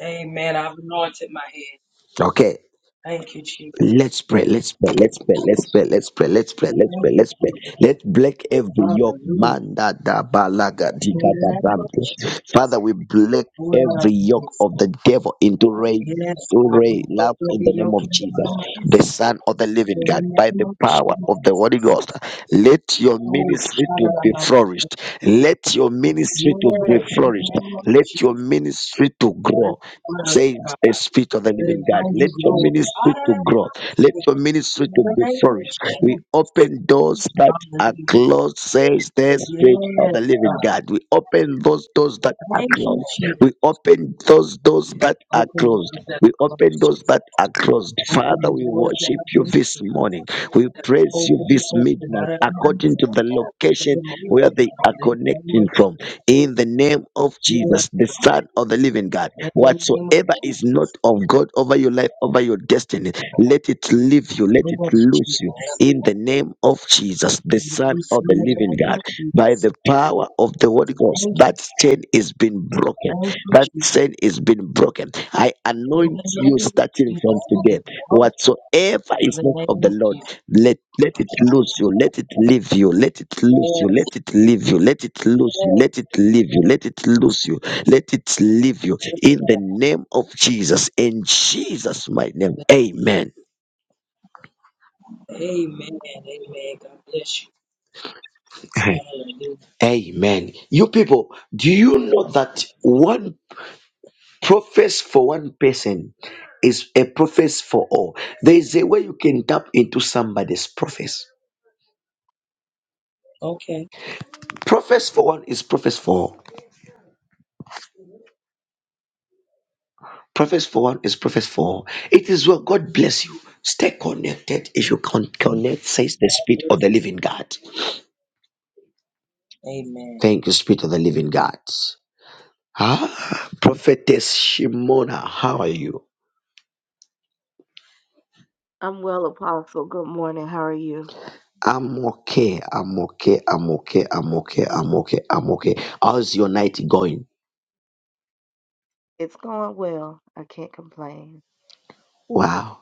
[SPEAKER 3] Amen. I've anointed my head.
[SPEAKER 1] Okay.
[SPEAKER 3] Thank you, Jesus.
[SPEAKER 1] Let's pray, let's pray, let's pray, let's pray, let's pray, let's pray, let's
[SPEAKER 3] Thank
[SPEAKER 1] pray,
[SPEAKER 3] you,
[SPEAKER 1] let's pray.
[SPEAKER 3] Jesus.
[SPEAKER 1] Let's break every yoke,
[SPEAKER 3] Hallelujah.
[SPEAKER 1] man that da balaga
[SPEAKER 3] In the
[SPEAKER 1] diga da
[SPEAKER 3] name of
[SPEAKER 1] brante.
[SPEAKER 3] Jesus.
[SPEAKER 1] Father, we break
[SPEAKER 3] Lord, I love
[SPEAKER 1] every yoke of
[SPEAKER 3] you.
[SPEAKER 1] the devil into rain.
[SPEAKER 3] Yes,
[SPEAKER 1] To
[SPEAKER 3] God. We
[SPEAKER 1] rain love
[SPEAKER 3] will
[SPEAKER 1] in
[SPEAKER 3] be
[SPEAKER 1] the name of
[SPEAKER 3] yoking in
[SPEAKER 1] Jesus,
[SPEAKER 3] our
[SPEAKER 1] the
[SPEAKER 3] lives.
[SPEAKER 1] Son of the Living
[SPEAKER 3] In the
[SPEAKER 1] God, by
[SPEAKER 3] name
[SPEAKER 1] the
[SPEAKER 3] of
[SPEAKER 1] power of the Holy
[SPEAKER 3] Jesus.
[SPEAKER 1] Ghost. Let your
[SPEAKER 3] Oh,
[SPEAKER 1] ministry
[SPEAKER 3] shout
[SPEAKER 1] to
[SPEAKER 3] out of
[SPEAKER 1] be
[SPEAKER 3] my
[SPEAKER 1] flourished. Let your ministry to be
[SPEAKER 3] Yes, in the
[SPEAKER 1] flourished.
[SPEAKER 3] name of
[SPEAKER 1] Let your
[SPEAKER 3] Jesus.
[SPEAKER 1] ministry to
[SPEAKER 3] Let it
[SPEAKER 1] grow
[SPEAKER 3] flourish,
[SPEAKER 1] Says
[SPEAKER 3] God.
[SPEAKER 1] a spirit of the
[SPEAKER 3] Let
[SPEAKER 1] living
[SPEAKER 3] it
[SPEAKER 1] God.
[SPEAKER 3] bring you
[SPEAKER 1] Let your
[SPEAKER 3] glory.
[SPEAKER 1] ministry
[SPEAKER 3] Out of
[SPEAKER 1] to
[SPEAKER 3] the name
[SPEAKER 1] grow.
[SPEAKER 3] of
[SPEAKER 1] Let
[SPEAKER 3] Jesus.
[SPEAKER 1] your ministry
[SPEAKER 3] In
[SPEAKER 1] to
[SPEAKER 3] the
[SPEAKER 1] be
[SPEAKER 3] name of
[SPEAKER 1] flourished. We
[SPEAKER 3] Jesus.
[SPEAKER 1] open doors that are
[SPEAKER 3] Hallelujah.
[SPEAKER 1] closed, says the spirit of
[SPEAKER 3] Yes,
[SPEAKER 1] the living
[SPEAKER 3] God.
[SPEAKER 1] God. We open those doors that are
[SPEAKER 3] Thank you,
[SPEAKER 1] closed.
[SPEAKER 3] Jesus.
[SPEAKER 1] We open those doors that are
[SPEAKER 3] Open
[SPEAKER 1] closed.
[SPEAKER 3] doors that
[SPEAKER 1] We
[SPEAKER 3] are
[SPEAKER 1] open
[SPEAKER 3] closed,
[SPEAKER 1] doors
[SPEAKER 3] Jesus.
[SPEAKER 1] that are closed.
[SPEAKER 3] Open
[SPEAKER 1] Father,
[SPEAKER 3] the
[SPEAKER 1] we
[SPEAKER 3] doors that
[SPEAKER 1] worship
[SPEAKER 3] have
[SPEAKER 1] you
[SPEAKER 3] been
[SPEAKER 1] this
[SPEAKER 3] sealed.
[SPEAKER 1] morning. We
[SPEAKER 3] That the
[SPEAKER 1] praise bless
[SPEAKER 3] hope
[SPEAKER 1] you
[SPEAKER 3] will be
[SPEAKER 1] this
[SPEAKER 3] open
[SPEAKER 1] midnight
[SPEAKER 3] out of my
[SPEAKER 1] according to
[SPEAKER 3] soul.
[SPEAKER 1] the
[SPEAKER 3] That
[SPEAKER 1] location
[SPEAKER 3] the hope will be
[SPEAKER 1] where they
[SPEAKER 3] open
[SPEAKER 1] are
[SPEAKER 3] in the name
[SPEAKER 1] connecting
[SPEAKER 3] of
[SPEAKER 1] from.
[SPEAKER 3] Jesus.
[SPEAKER 1] In the name of
[SPEAKER 3] Yes,
[SPEAKER 1] Jesus, the
[SPEAKER 3] God.
[SPEAKER 1] Son of the Living God,
[SPEAKER 3] In the name of
[SPEAKER 1] whatsoever is
[SPEAKER 3] Jesus.
[SPEAKER 1] not of God over your life, over your destiny, let it leave you, let it
[SPEAKER 3] Yes,
[SPEAKER 1] lose you.
[SPEAKER 3] Jesus.
[SPEAKER 1] In the name of Jesus, the
[SPEAKER 3] And we
[SPEAKER 1] Son
[SPEAKER 3] bless
[SPEAKER 1] of
[SPEAKER 3] you
[SPEAKER 1] the
[SPEAKER 3] in the
[SPEAKER 1] Living
[SPEAKER 3] name
[SPEAKER 1] God,
[SPEAKER 3] of
[SPEAKER 1] by
[SPEAKER 3] Jesus.
[SPEAKER 1] the power of the Holy Ghost,
[SPEAKER 3] Thank you,
[SPEAKER 1] that
[SPEAKER 3] God.
[SPEAKER 1] chain is been broken.
[SPEAKER 3] Thank you,
[SPEAKER 1] That
[SPEAKER 3] Jesus.
[SPEAKER 1] chain is been broken. I
[SPEAKER 3] In
[SPEAKER 1] anoint
[SPEAKER 3] the
[SPEAKER 1] you
[SPEAKER 3] name of
[SPEAKER 1] starting
[SPEAKER 3] Jesus,
[SPEAKER 1] from
[SPEAKER 3] it
[SPEAKER 1] today.
[SPEAKER 3] is broken.
[SPEAKER 1] Whatsoever
[SPEAKER 3] In
[SPEAKER 1] is
[SPEAKER 3] the
[SPEAKER 1] not of
[SPEAKER 3] name
[SPEAKER 1] the
[SPEAKER 3] of
[SPEAKER 1] Lord,
[SPEAKER 3] Jesus.
[SPEAKER 1] let let it lose you, let it leave you, let it
[SPEAKER 3] Yes,
[SPEAKER 1] lose you, let it leave you, let it lose you,
[SPEAKER 3] yes.
[SPEAKER 1] let it leave
[SPEAKER 3] yes,
[SPEAKER 1] you, let it lose you, let it leave you.
[SPEAKER 3] yes.
[SPEAKER 1] In the name of Jesus, in Jesus' mighty name, Amen.
[SPEAKER 3] Amen. Amen. God bless you. Hallelujah.
[SPEAKER 1] Amen. You people, do you know that 1% prophets for one person is a prophet for all. There is a way you can tap into somebody's prophets.
[SPEAKER 3] Okay.
[SPEAKER 1] Prophets for one is prophets for all. Prophets for one is prophets for all. It is well. God bless you. Stay connected if you can connect, says the
[SPEAKER 3] God
[SPEAKER 1] Spirit of the
[SPEAKER 3] bless you.
[SPEAKER 1] Living God.
[SPEAKER 3] Amen.
[SPEAKER 1] Thank you, Spirit of the Living God. Ah, Prophetess Shimona, how are you?
[SPEAKER 4] I'm well, Apostle. Good morning. How are you?
[SPEAKER 1] I'm okay, I'm okay, I'm okay, I'm okay, I'm okay, I'm okay. How's your night going?
[SPEAKER 4] It's going well. I can't complain.
[SPEAKER 1] Wow.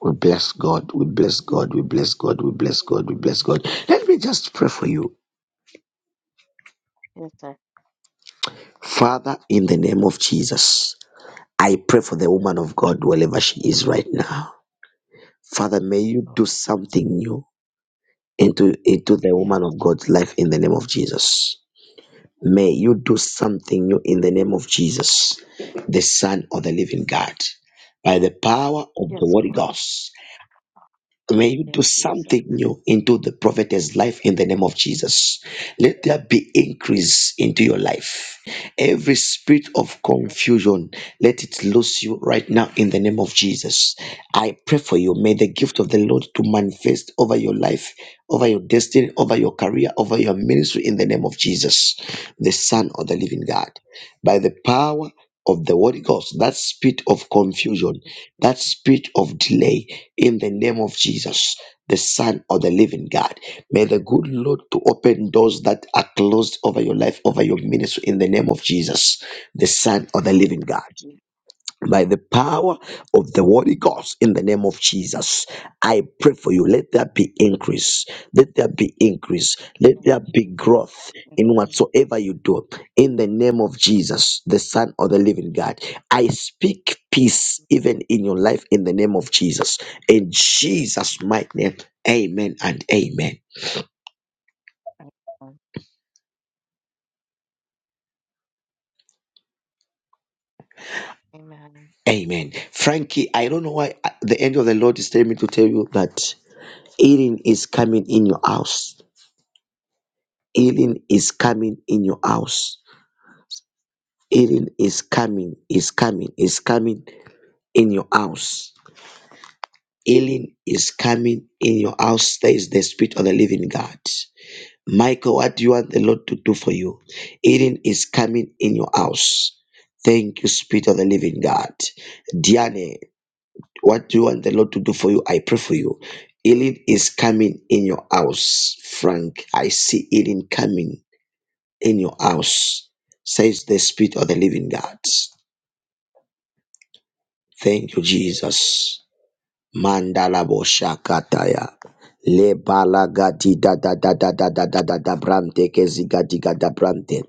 [SPEAKER 1] We bless God. We bless God. We bless God. We bless God. We bless God. Let me just pray for you.
[SPEAKER 4] Yes, sir.
[SPEAKER 1] Father, in the name of Jesus, I pray for the woman of God wherever she is right now. Father, may
[SPEAKER 4] Yes,
[SPEAKER 1] you
[SPEAKER 4] Lord.
[SPEAKER 1] do something new into, into the
[SPEAKER 4] Yes,
[SPEAKER 1] woman of
[SPEAKER 4] Jesus.
[SPEAKER 1] God's life in the name of Jesus. May you do something new in the name of Jesus, the Son of the living God, by the power of the
[SPEAKER 4] Yes,
[SPEAKER 1] Holy
[SPEAKER 4] Lord.
[SPEAKER 1] Ghost. May you
[SPEAKER 4] Yes,
[SPEAKER 1] do
[SPEAKER 4] Jesus.
[SPEAKER 1] something new into the prophetess life in the name of Jesus. Let there be increase into your life. Every spirit of
[SPEAKER 4] Yes,
[SPEAKER 1] confusion, let it lose you right now in the name of Jesus. I pray for you. May the gift of the Lord to manifest over your life, over your destiny, over your career, over your ministry in the name of Jesus, the Son of the Living God by the power of the Holy Ghost, that spirit of confusion, that spirit of delay, in the name of Jesus, the Son of the Living God. May the good Lord to open doors that are closed over your life, over your ministry, in the name of Jesus, the Son of the Living God
[SPEAKER 4] Jesus.
[SPEAKER 1] by the power of the Holy Ghost in the name of Jesus. I pray for you. Let there be increase. Let there be increase. Let there
[SPEAKER 4] Amen.
[SPEAKER 1] be growth in
[SPEAKER 4] Jesus.
[SPEAKER 1] whatsoever you do. In the name of Jesus, the Son of the Living God. I speak peace even in your life in the name of Jesus. In Jesus' mighty name. Amen and amen.
[SPEAKER 4] Amen. Amen.
[SPEAKER 1] Amen. Frankie, I don't know why uh, the angel of the Lord is telling me to tell you that healing is coming in your house Healing is coming in your house. Healing is coming, is coming, is coming in your house. Healing is coming in your house. There is the Spirit of the Living God. Michael, what do you want the Lord to do for you? Healing is coming in your house. Thank you, Spirit of the Living God. Diane, what do you want the Lord to do for you? I pray for you. Healing is coming in your house. Frank, I see healing coming. in your house, says the Spirit of the living God. Thank you, Jesus. Mandala boshakataya. Le balagati da da da da da da da da da brante kezigati gada brante.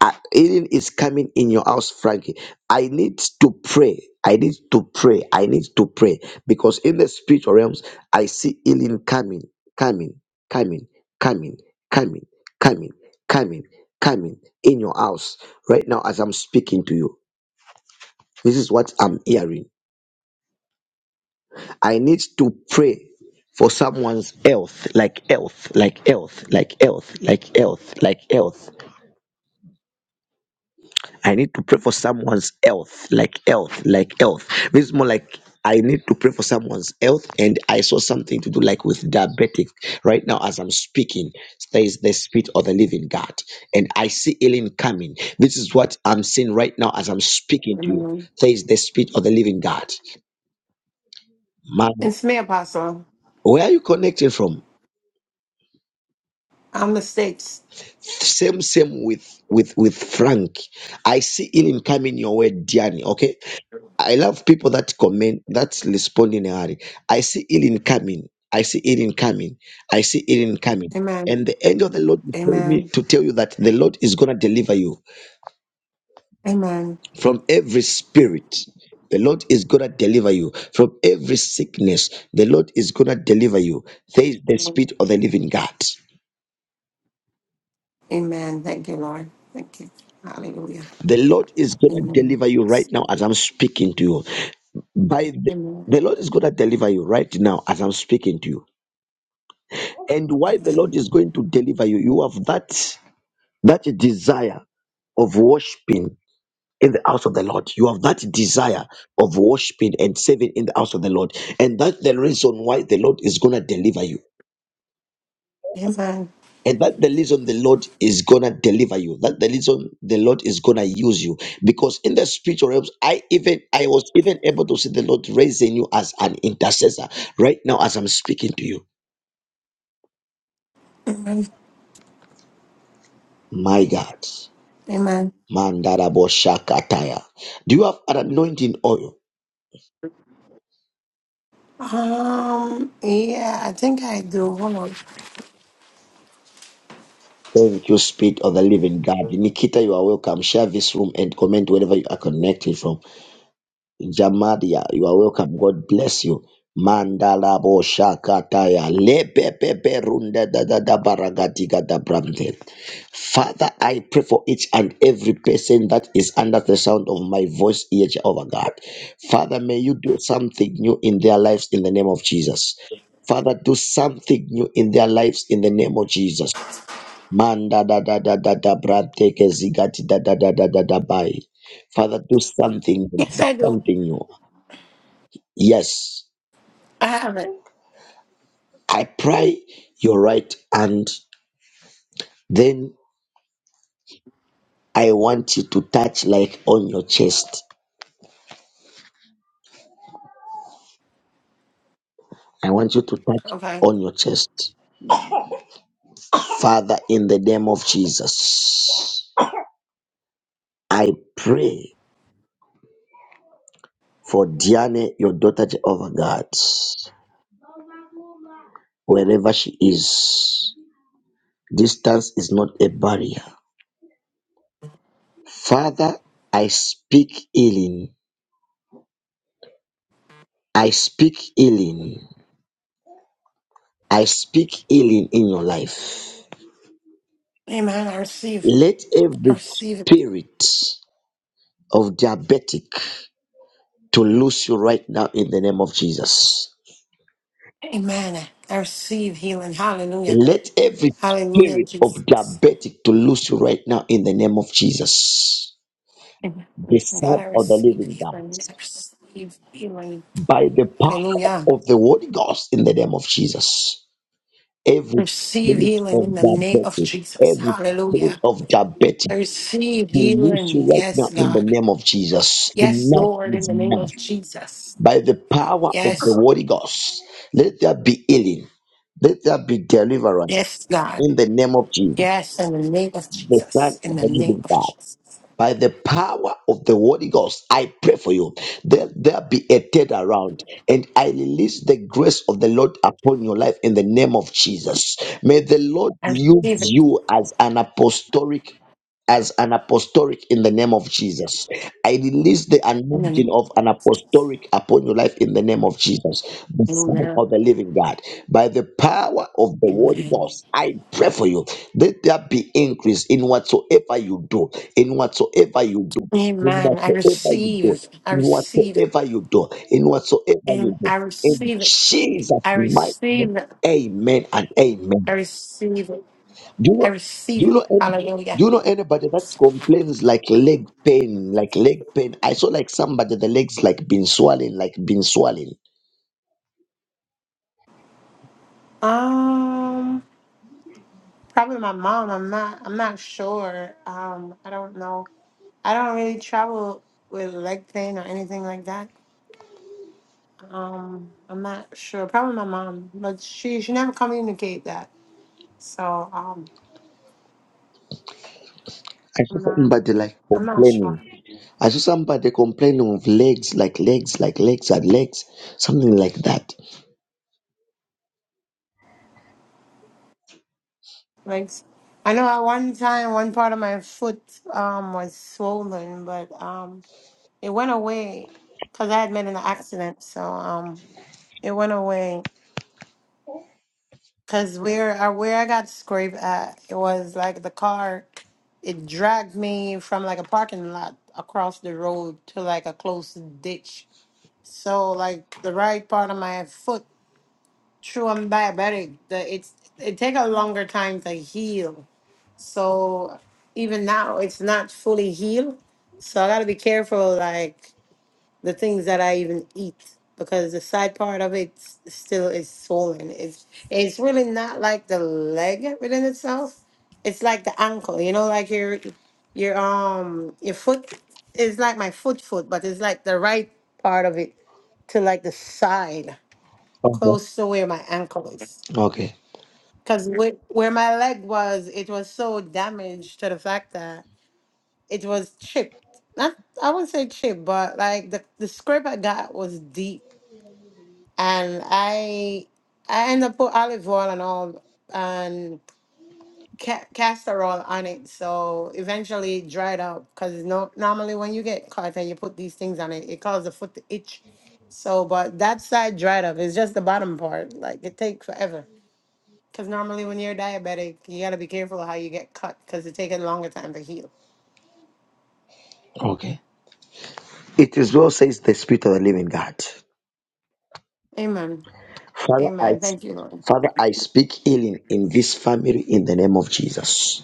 [SPEAKER 1] I- healing is coming in your house, Frankie. I need to pray. I need to pray. I need to pray because in the spiritual realms, I see healing coming, coming, coming, coming, coming, coming, coming, coming in your house right now as I'm speaking to you. This is what I'm hearing. I need to pray for someone's health, like health, like health, like health, like health, like health. I need to pray for someone's health, like health, like health. This is more like I need to pray for someone's health, and I saw something to do like with diabetic right now as I'm speaking. There is the spirit of the living God, and I see healing coming. This is what I'm seeing right now as I'm speaking to you.
[SPEAKER 5] Amen.
[SPEAKER 1] There is the spirit of the living God. Man,
[SPEAKER 5] It's me, Apostle.
[SPEAKER 1] where are you connecting from?
[SPEAKER 5] I'm the six.
[SPEAKER 1] Same, same with with with Frank. I see healing coming your way, Diani. Okay, I love people that comment, that respond in a hurry. I see healing coming. I see healing coming. I see healing coming.
[SPEAKER 5] Amen.
[SPEAKER 1] And the angel of the Lord is telling me
[SPEAKER 5] Amen.
[SPEAKER 1] to tell you that the Lord is going to deliver you
[SPEAKER 5] Amen.
[SPEAKER 1] from every spirit. The Lord is going to deliver you from every sickness. The Lord is going to deliver you. There is the spirit of the living God.
[SPEAKER 5] Amen. Thank you, Lord. Thank you. Hallelujah.
[SPEAKER 1] The Lord is going to
[SPEAKER 5] Amen.
[SPEAKER 1] deliver you right now as I'm speaking to you. By
[SPEAKER 5] Amen.
[SPEAKER 1] the,
[SPEAKER 5] Amen.
[SPEAKER 1] the Lord is going to deliver you right now as I'm speaking to you and why the Lord is going to deliver you. You have that that desire of worshiping in the house of the Lord. You have that desire of worshiping and serving in the house of the Lord, and that's the reason why the Lord is gonna deliver you.
[SPEAKER 5] Amen.
[SPEAKER 1] And that the reason the Lord is gonna deliver you. That the reason the Lord is gonna use you. Because in the spiritual realms, I even I was even able to see the Lord raising you as an intercessor right now as I'm speaking to you.
[SPEAKER 5] Amen.
[SPEAKER 1] My God.
[SPEAKER 5] Amen.
[SPEAKER 1] Mandaraboshakataya. Do you have an anointing oil?
[SPEAKER 5] Um, yeah, I think I do. Hold on.
[SPEAKER 1] Thank you, Spirit of the Living God. Nikita, you are welcome. Share this room and comment wherever you are connected from. Jamadia, you are welcome. God bless you. Mandala bo shakataya lepepepe runda da da da baragadiga da brande. Father, I pray for each and every person that is under the sound of my voice, here, Jehovah God. Father, may you do something new in their lives in the name of Jesus. Father, do something new in their lives in the name of Jesus. Manda da da da da da brante ke zigati da da da da da da bai. Father, do something,
[SPEAKER 5] Yes,
[SPEAKER 1] do
[SPEAKER 5] I do.
[SPEAKER 1] something new. Yes,
[SPEAKER 5] I have it.
[SPEAKER 1] I pry your right hand, then I want you to touch like on your chest. I want you to touch
[SPEAKER 5] Okay.
[SPEAKER 1] on your chest. Father, in the name of Jesus, I pray for Diane, your daughter Jehovah God, wherever she is. Distance is not a barrier. Father, I speak healing. I speak healing. I speak healing in your life.
[SPEAKER 5] Amen. I receive.
[SPEAKER 1] Let
[SPEAKER 5] I
[SPEAKER 1] every
[SPEAKER 5] receive it.
[SPEAKER 1] spirit of diabetic to lose you right now in the name of Jesus.
[SPEAKER 5] Amen. I receive healing. Hallelujah.
[SPEAKER 1] Let every
[SPEAKER 5] Hallelujah,
[SPEAKER 1] spirit of
[SPEAKER 5] Jesus.
[SPEAKER 1] diabetic to lose you right now in the name of Jesus,
[SPEAKER 5] Amen.
[SPEAKER 1] the
[SPEAKER 5] God,
[SPEAKER 1] Son
[SPEAKER 5] I
[SPEAKER 1] of the
[SPEAKER 5] receive
[SPEAKER 1] Living God,
[SPEAKER 5] healing. I receive healing.
[SPEAKER 1] by the power
[SPEAKER 5] Hallelujah.
[SPEAKER 1] of the Holy Ghost in the name of Jesus. Every
[SPEAKER 5] Receive
[SPEAKER 1] spirit
[SPEAKER 5] healing
[SPEAKER 1] of
[SPEAKER 5] in the name of
[SPEAKER 1] diabetic,
[SPEAKER 5] Jesus.
[SPEAKER 1] every spirit
[SPEAKER 5] Hallelujah.
[SPEAKER 1] of diabetic
[SPEAKER 5] I receive
[SPEAKER 1] to lose you
[SPEAKER 5] healing.
[SPEAKER 1] right now
[SPEAKER 5] Yes,
[SPEAKER 1] in the
[SPEAKER 5] God.
[SPEAKER 1] name of Jesus.
[SPEAKER 5] Yes,
[SPEAKER 1] Enough
[SPEAKER 5] Lord, in
[SPEAKER 1] is
[SPEAKER 5] the name
[SPEAKER 1] enough.
[SPEAKER 5] of Jesus.
[SPEAKER 1] by the power of the
[SPEAKER 5] Yes.
[SPEAKER 1] Holy Ghost. Let there be healing. Let there be deliverance
[SPEAKER 5] Yes, God.
[SPEAKER 1] in the name of Jesus,
[SPEAKER 5] Yes, in the name of
[SPEAKER 1] the Son
[SPEAKER 5] Jesus. In
[SPEAKER 1] of
[SPEAKER 5] the
[SPEAKER 1] the
[SPEAKER 5] name
[SPEAKER 1] Living
[SPEAKER 5] of
[SPEAKER 1] God.
[SPEAKER 5] Jesus.
[SPEAKER 1] By the power of the Holy Ghost, I pray for you. There, there be a dead around, and I release the grace of the Lord upon your life in the name of Jesus. May the Lord
[SPEAKER 5] I
[SPEAKER 1] use
[SPEAKER 5] receive it
[SPEAKER 1] you as an apostolic as an apostolic in the name of Jesus. I release the
[SPEAKER 5] in the
[SPEAKER 1] anointing
[SPEAKER 5] name of
[SPEAKER 1] of an apostolic upon your life in the name of Jesus, the Son
[SPEAKER 5] Hallelujah.
[SPEAKER 1] of the Living God. By the power of the Holy
[SPEAKER 5] Amen.
[SPEAKER 1] Ghost, I pray for you. Let there be increase in whatsoever you do, in whatsoever you do, in
[SPEAKER 5] Amen. I
[SPEAKER 1] whatsoever you do,
[SPEAKER 5] receive. I
[SPEAKER 1] in
[SPEAKER 5] receive it.
[SPEAKER 1] whatsoever you do, in whatsoever you
[SPEAKER 5] And
[SPEAKER 1] do.
[SPEAKER 5] I
[SPEAKER 1] In
[SPEAKER 5] receive it.
[SPEAKER 1] Jesus'
[SPEAKER 5] I
[SPEAKER 1] mighty name,
[SPEAKER 5] receive it.
[SPEAKER 1] amen and amen.
[SPEAKER 5] I receive it.
[SPEAKER 1] Do you
[SPEAKER 5] I
[SPEAKER 1] know? Do
[SPEAKER 5] receive
[SPEAKER 1] you
[SPEAKER 5] it.
[SPEAKER 1] know? Any,
[SPEAKER 5] Hallelujah.
[SPEAKER 1] do you know anybody that complains like leg pain, like leg pain? I saw like somebody the legs like been swelling, like been swelling.
[SPEAKER 5] Um, probably my mom. I'm not. I'm not sure. Um, I don't know. I don't really travel with leg pain or anything like that. Um, I'm not sure. Probably my mom, but she she never communicate that. So um,
[SPEAKER 1] I
[SPEAKER 5] I'm
[SPEAKER 1] saw
[SPEAKER 5] not.
[SPEAKER 1] somebody like
[SPEAKER 5] I'm not sure.
[SPEAKER 1] complaining. I saw somebody complaining of legs, like legs, like legs and legs, something like that.
[SPEAKER 5] Like, I know at one time one part of my foot um was swollen, but um, it went away because I had been in an accident. So um, it went away Cause where I where I got scraped at, it was like the car, it dragged me from like a parking lot across the road to like a close ditch. So like the right part of my foot, true, I'm diabetic. The it's it take a longer time to heal. So even now, it's not fully healed. So I gotta be careful, like the things that I even eat because the side part of it s- still is swollen. It's it's really not like the leg within itself. It's like the ankle, you know, like your your um your foot is like my foot foot, but it's like the right part of it to like the side,
[SPEAKER 1] Okay.
[SPEAKER 5] close to where my ankle is.
[SPEAKER 1] Okay.
[SPEAKER 5] Cause where, where my leg was, it was so damaged to the fact that it was chipped. Not I wouldn't say chipped, but like the the scrape I got was deep and I I end up put olive oil and all and ca- castor oil on it, so eventually it dried up. Cause no, normally when you get caught and you put these things on it, it causes the foot to itch. So, but that side dried up. It's just the bottom part. Like it takes forever. Cause normally when you're diabetic, you gotta be careful how you get cut, cause it takes a longer time to heal.
[SPEAKER 1] Okay. It is well says the spirit of the living God.
[SPEAKER 5] Amen.
[SPEAKER 1] Father, I
[SPEAKER 5] Amen. Thank you, Lord.
[SPEAKER 1] Father, I speak healing in this family in the name of Jesus.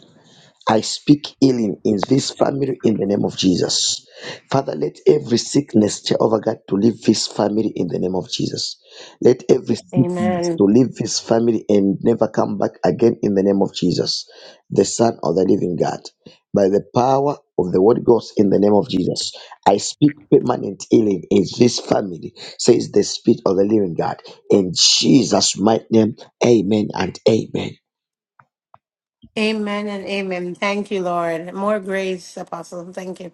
[SPEAKER 1] I speak healing in this family in the name of Jesus. Father, let every sickness, Jehovah God, to leave this family in the name of Jesus. Let every sickness to
[SPEAKER 5] Amen.
[SPEAKER 1] leave this family and never come back again in the name of Jesus, the Son of the Living God. By the power of the Word Ghost in the name of Jesus, I speak permanent healing in this family, says the Spirit of the Living God. In Jesus' mighty name, amen and amen.
[SPEAKER 5] Amen and amen. Thank you, Lord. More grace, Apostle. Thank you.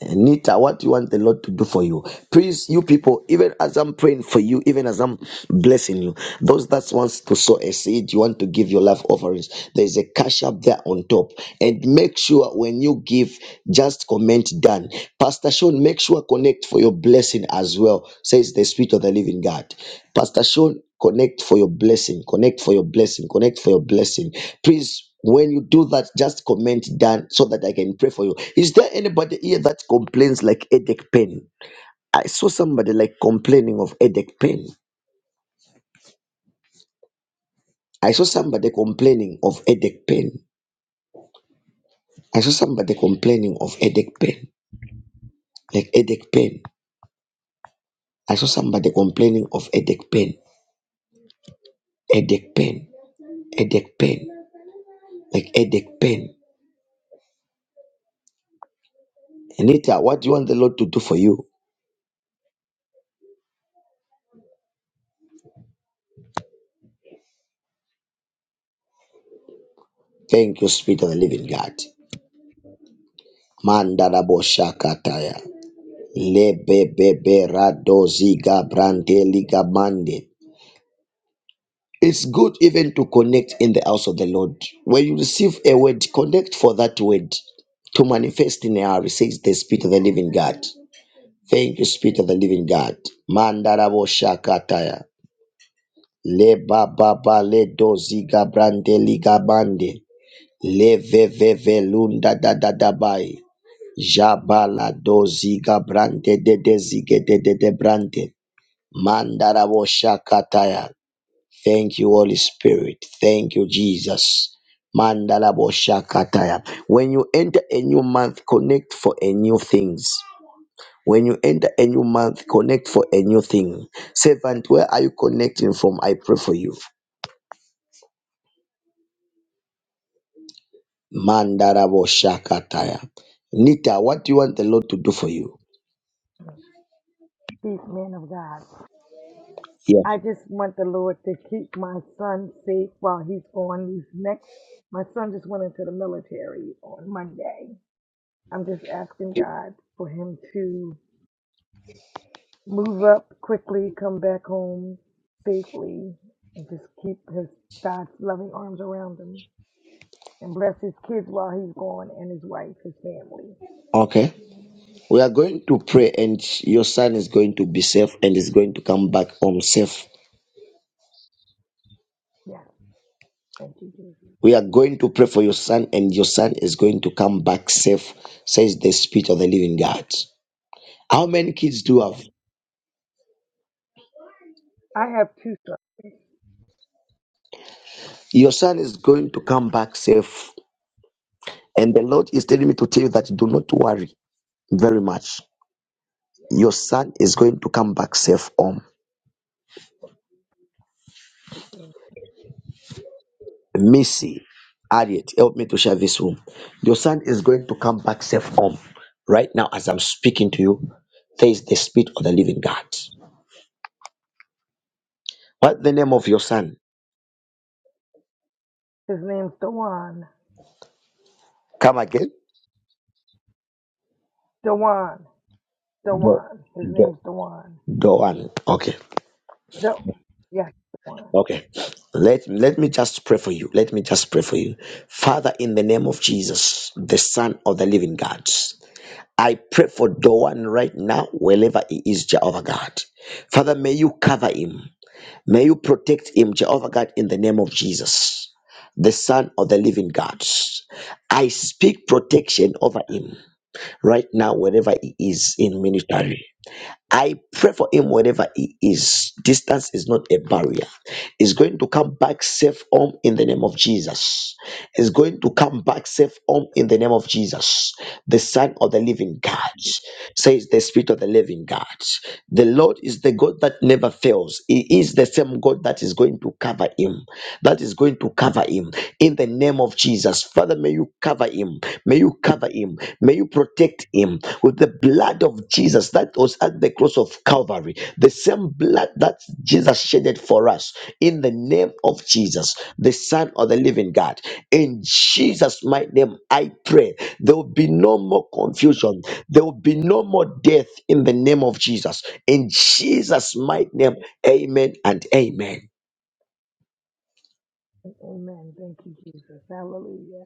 [SPEAKER 1] Nita, what do you want the Lord to do for you? Please, you people, even as I'm praying for you, even as I'm blessing you, those that wants to sow a seed, you want to give your love offerings. There is a cash up there on top, and make sure when you give, just comment done. Pastor Sean, make sure connect for your blessing as well. Says the Spirit of the Living God. Pastor Sean, connect for your blessing. Connect for your blessing. Connect for your blessing. Please, when you do that, just comment down so that I can pray for you. Is there anybody here that complains like headache pain? I saw somebody like complaining of headache pain. I saw somebody complaining of headache pain. I saw somebody complaining of headache pain. Like headache pain. I saw somebody complaining of headache pain. Headache pain. Headache pain. Like headache pain. Anita, what do you want the Lord to do for you? Thank you, Spirit of the Living God. Mandarabo Shakataya. Lebebeberadozigabrandeligabande. It's good even to connect in the house of the Lord. When you receive a word, connect for that word to manifest in our says the Spirit of the Living God. Thank you, Spirit of the Living God. Mandarabo Shakataya. Le baba ba le dozi gabrande ligabande. Le ve ve ve lunda da da da bai. Jabala dozi gabrande de de zige de de de brande. Mandarabo Shakataya. Thank you, Holy Spirit. Thank you, Jesus. Mandarabo Shakataya. When you enter a new month, connect for a new things. When you enter a new month, connect for a new thing. Servant, where are you connecting from? I pray for you. Mandarabo Shakataya. Nita, what do you want the Lord to do for you?
[SPEAKER 6] Chief man of God.
[SPEAKER 1] Yes.
[SPEAKER 6] I just want the Lord to keep my son safe while he's on these next. My son just went into the military on Monday. I'm just asking God for him to move up quickly, come back home safely, and just keep his God's loving arms around him and bless his kids while he's gone and his wife, his family.
[SPEAKER 1] Okay. We are going to pray, and your son is going to be safe and is going to come back home safe
[SPEAKER 6] Yes, thank you, Jesus.
[SPEAKER 1] We are going to pray for your son, and your son is going to come back safe, says the Spirit of the Living God. How many kids do you have?
[SPEAKER 6] Yes. I have two sons.
[SPEAKER 1] Your son is going to come back safe. And the Lord is telling me to tell you that do not worry very much. Your son is going to come back safe home.
[SPEAKER 6] His
[SPEAKER 1] Missy, Harriet, help me to share this room. Your son is going to come back safe home. Right now, as I'm speaking to you, there is the Spirit of the Living God. What's the name of your son?
[SPEAKER 6] name's Dewan.
[SPEAKER 1] Come again.
[SPEAKER 6] Dewan. Dewan. His
[SPEAKER 1] Do.
[SPEAKER 6] name's Dewan.
[SPEAKER 1] Doan. Okay.
[SPEAKER 6] The yes, Dewan.
[SPEAKER 1] Okay. Let, let me just pray for you. Let me just pray for you. Father, in the name of Jesus, the Son of the Living God, I pray for Doan right now, wherever he is, Jehovah God. Father, may you cover him. May you protect him, Jehovah God, in the name of Jesus, the Son of the Living God. I speak protection over him right now, wherever he is in ministry. I pray for him wherever he is. Distance is not a barrier. He's going to come back safe home in the name of Jesus. He's going to come back safe home in the name of Jesus. The Son of the Living God says the Spirit of the Living God. The Lord is the God that never fails. He is the same God that is going to cover him. That is going to cover him in the name of Jesus. Father, may you cover him. May you cover him. May you protect him with the blood of Jesus that was at the cross of Calvary. The same blood that Jesus shedded for us in the name of Jesus, the Son of the living God. In Jesus' mighty name, I pray there will be no more confusion. There will be no more death in the name of Jesus. In Jesus' mighty name, amen and amen.
[SPEAKER 6] Amen. Thank you, Jesus. Hallelujah.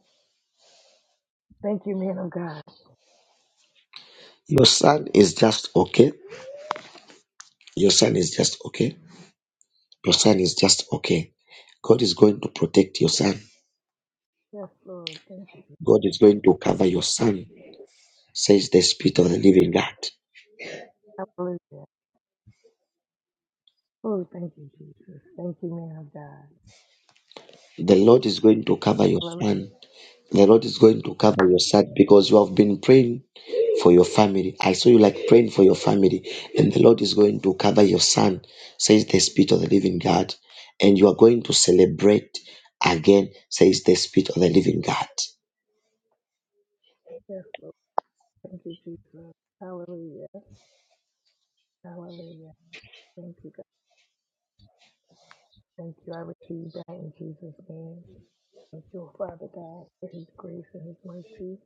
[SPEAKER 6] Thank you, man of God.
[SPEAKER 1] Your son is just okay. Your son is just okay. Your son is just okay. God is going to protect your son.
[SPEAKER 6] Yes, Lord. Thank you.
[SPEAKER 1] God is going to cover your son, says the Spirit of the living God.
[SPEAKER 6] Hallelujah. Oh, thank you, Jesus. Thank you, man of God.
[SPEAKER 1] The Lord is going to cover your
[SPEAKER 6] Hallelujah.
[SPEAKER 1] son. The Lord is going to cover your son because you have been praying for your family. I saw you like praying for your family, and the Lord is going to cover your son, says the Spirit of the living God. And you are going to celebrate again, says the Spirit of the living God.
[SPEAKER 6] Yes, Lord. Thank you, Jesus. Hallelujah. Hallelujah. Thank you, God. Thank you. I receive that in Jesus' name. Thank you, Father God, for his grace and his mercy.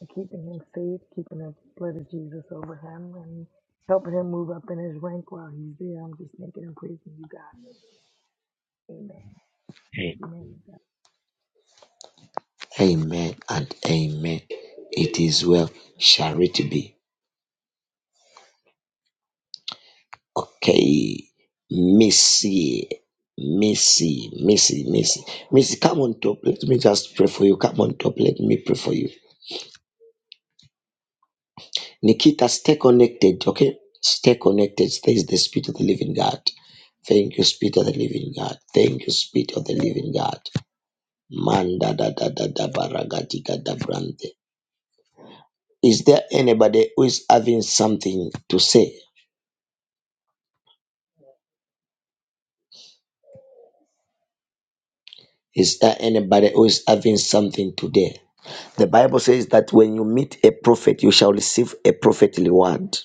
[SPEAKER 6] and keeping him safe, keeping the blood of Jesus over him, and helping him move up in his rank while he's there. I'm just thinking and praising you, God. Amen. Thank you, man of God.
[SPEAKER 1] Amen and amen. It is well, shall it be. Okay. Missy, Missy, Missy, Missy, Missy, come on top. Let me just pray for you. Come on top. Let me pray for you. Nikita, stay connected. Okay. Stay connected. Stay is the spirit of the living God. Thank you, Spirit of the Living God. Thank you, Spirit of the Living God. Manda da da da da baragatika da brande. Is there anybody who is having something to say? Is there anybody who is having something today? The Bible says that when you meet a prophet, you shall receive a prophetly word.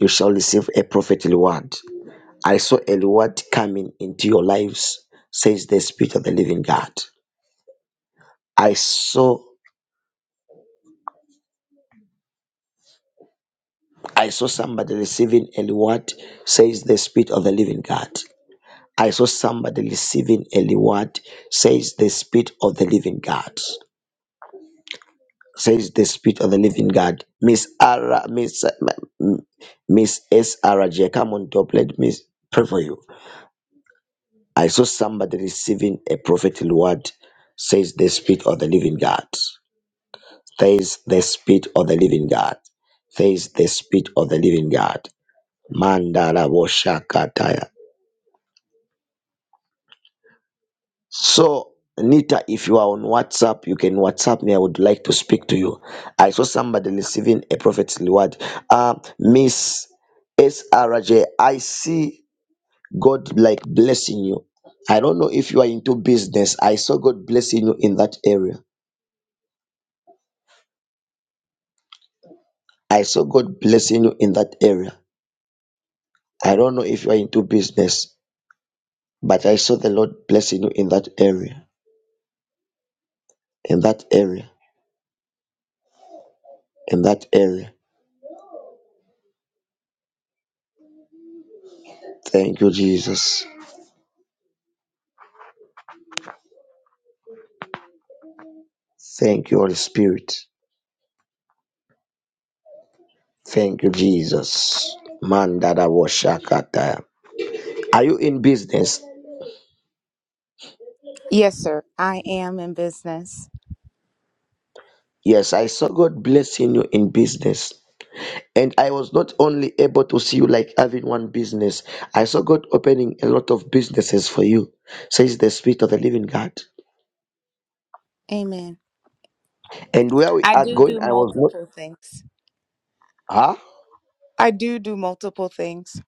[SPEAKER 1] You shall receive a prophetly word. I saw a reward coming into your lives, says the Spirit of the Living God. I saw I saw somebody receiving a reward, says the Spirit of the Living God. I saw somebody receiving a reward, says the Spirit of the Living God. Says the Spirit of the Living God. Miss Ara, Miss Miss S. Ara J. Come on, top, let me pray for you. I saw somebody receiving a prophetic word, says the Spirit of the Living God. Says the Spirit of the Living God. Says the Spirit of the Living God. Mandala Woshakataya. So, Nita, if you are on WhatsApp, you can WhatsApp me. I would like to speak to you. I saw somebody receiving a prophet's word. Uh, Miss S R J, I see God like blessing you. I don't know if you are into business. I saw God blessing you in that area. I saw God blessing you in that area. I don't know if you are into business, but I saw the Lord blessing you in that area, in that area, in that area. Thank you, Jesus. Thank you, Holy Spirit. Thank you, Jesus. Mandada washakata. Are you in business?
[SPEAKER 7] Yes, sir. I am in business.
[SPEAKER 1] Yes, I saw God blessing you in business. And I was not only able to see you like having one business, I saw God opening a lot of businesses for you, says the Spirit of the Living God.
[SPEAKER 7] Amen.
[SPEAKER 1] And where we
[SPEAKER 7] I
[SPEAKER 1] are
[SPEAKER 7] do
[SPEAKER 1] going,
[SPEAKER 7] do
[SPEAKER 1] I was not,
[SPEAKER 7] multiple things.
[SPEAKER 1] huh?
[SPEAKER 7] I do do multiple things.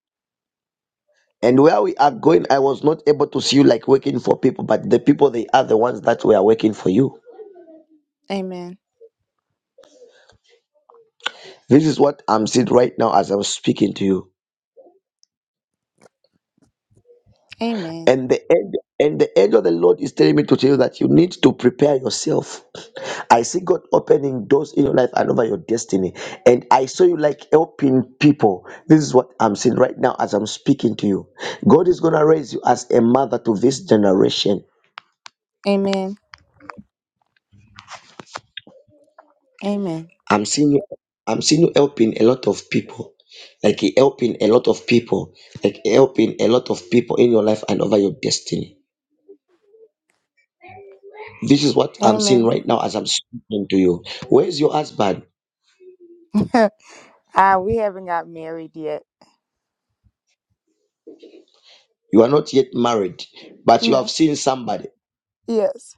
[SPEAKER 1] And where we are going, I was not able to see you like working for people, but the people, they are the ones that were working for you.
[SPEAKER 7] Amen.
[SPEAKER 1] This is what I'm seeing right now as I'm speaking to you.
[SPEAKER 7] Amen.
[SPEAKER 1] And the end, and the end of the Lord is telling me to tell you that you need to prepare yourself. I see God opening doors in your life and over your destiny. And I saw you like helping people. This is what I'm seeing right now as I'm speaking to you. God is going to raise you as a mother to this generation
[SPEAKER 7] Amen. Amen.
[SPEAKER 1] I'm seeing you, I'm seeing you helping a lot of people. Like you helping a lot of people. Like you helping a lot of people in your life and over your destiny. This is what I'm seeing
[SPEAKER 7] Amen.
[SPEAKER 1] right now as I'm speaking to you. Where's your husband?
[SPEAKER 7] Ah, we haven't got married yet.
[SPEAKER 1] You are not yet married, but you have
[SPEAKER 7] No.
[SPEAKER 1] seen somebody.
[SPEAKER 7] Yes.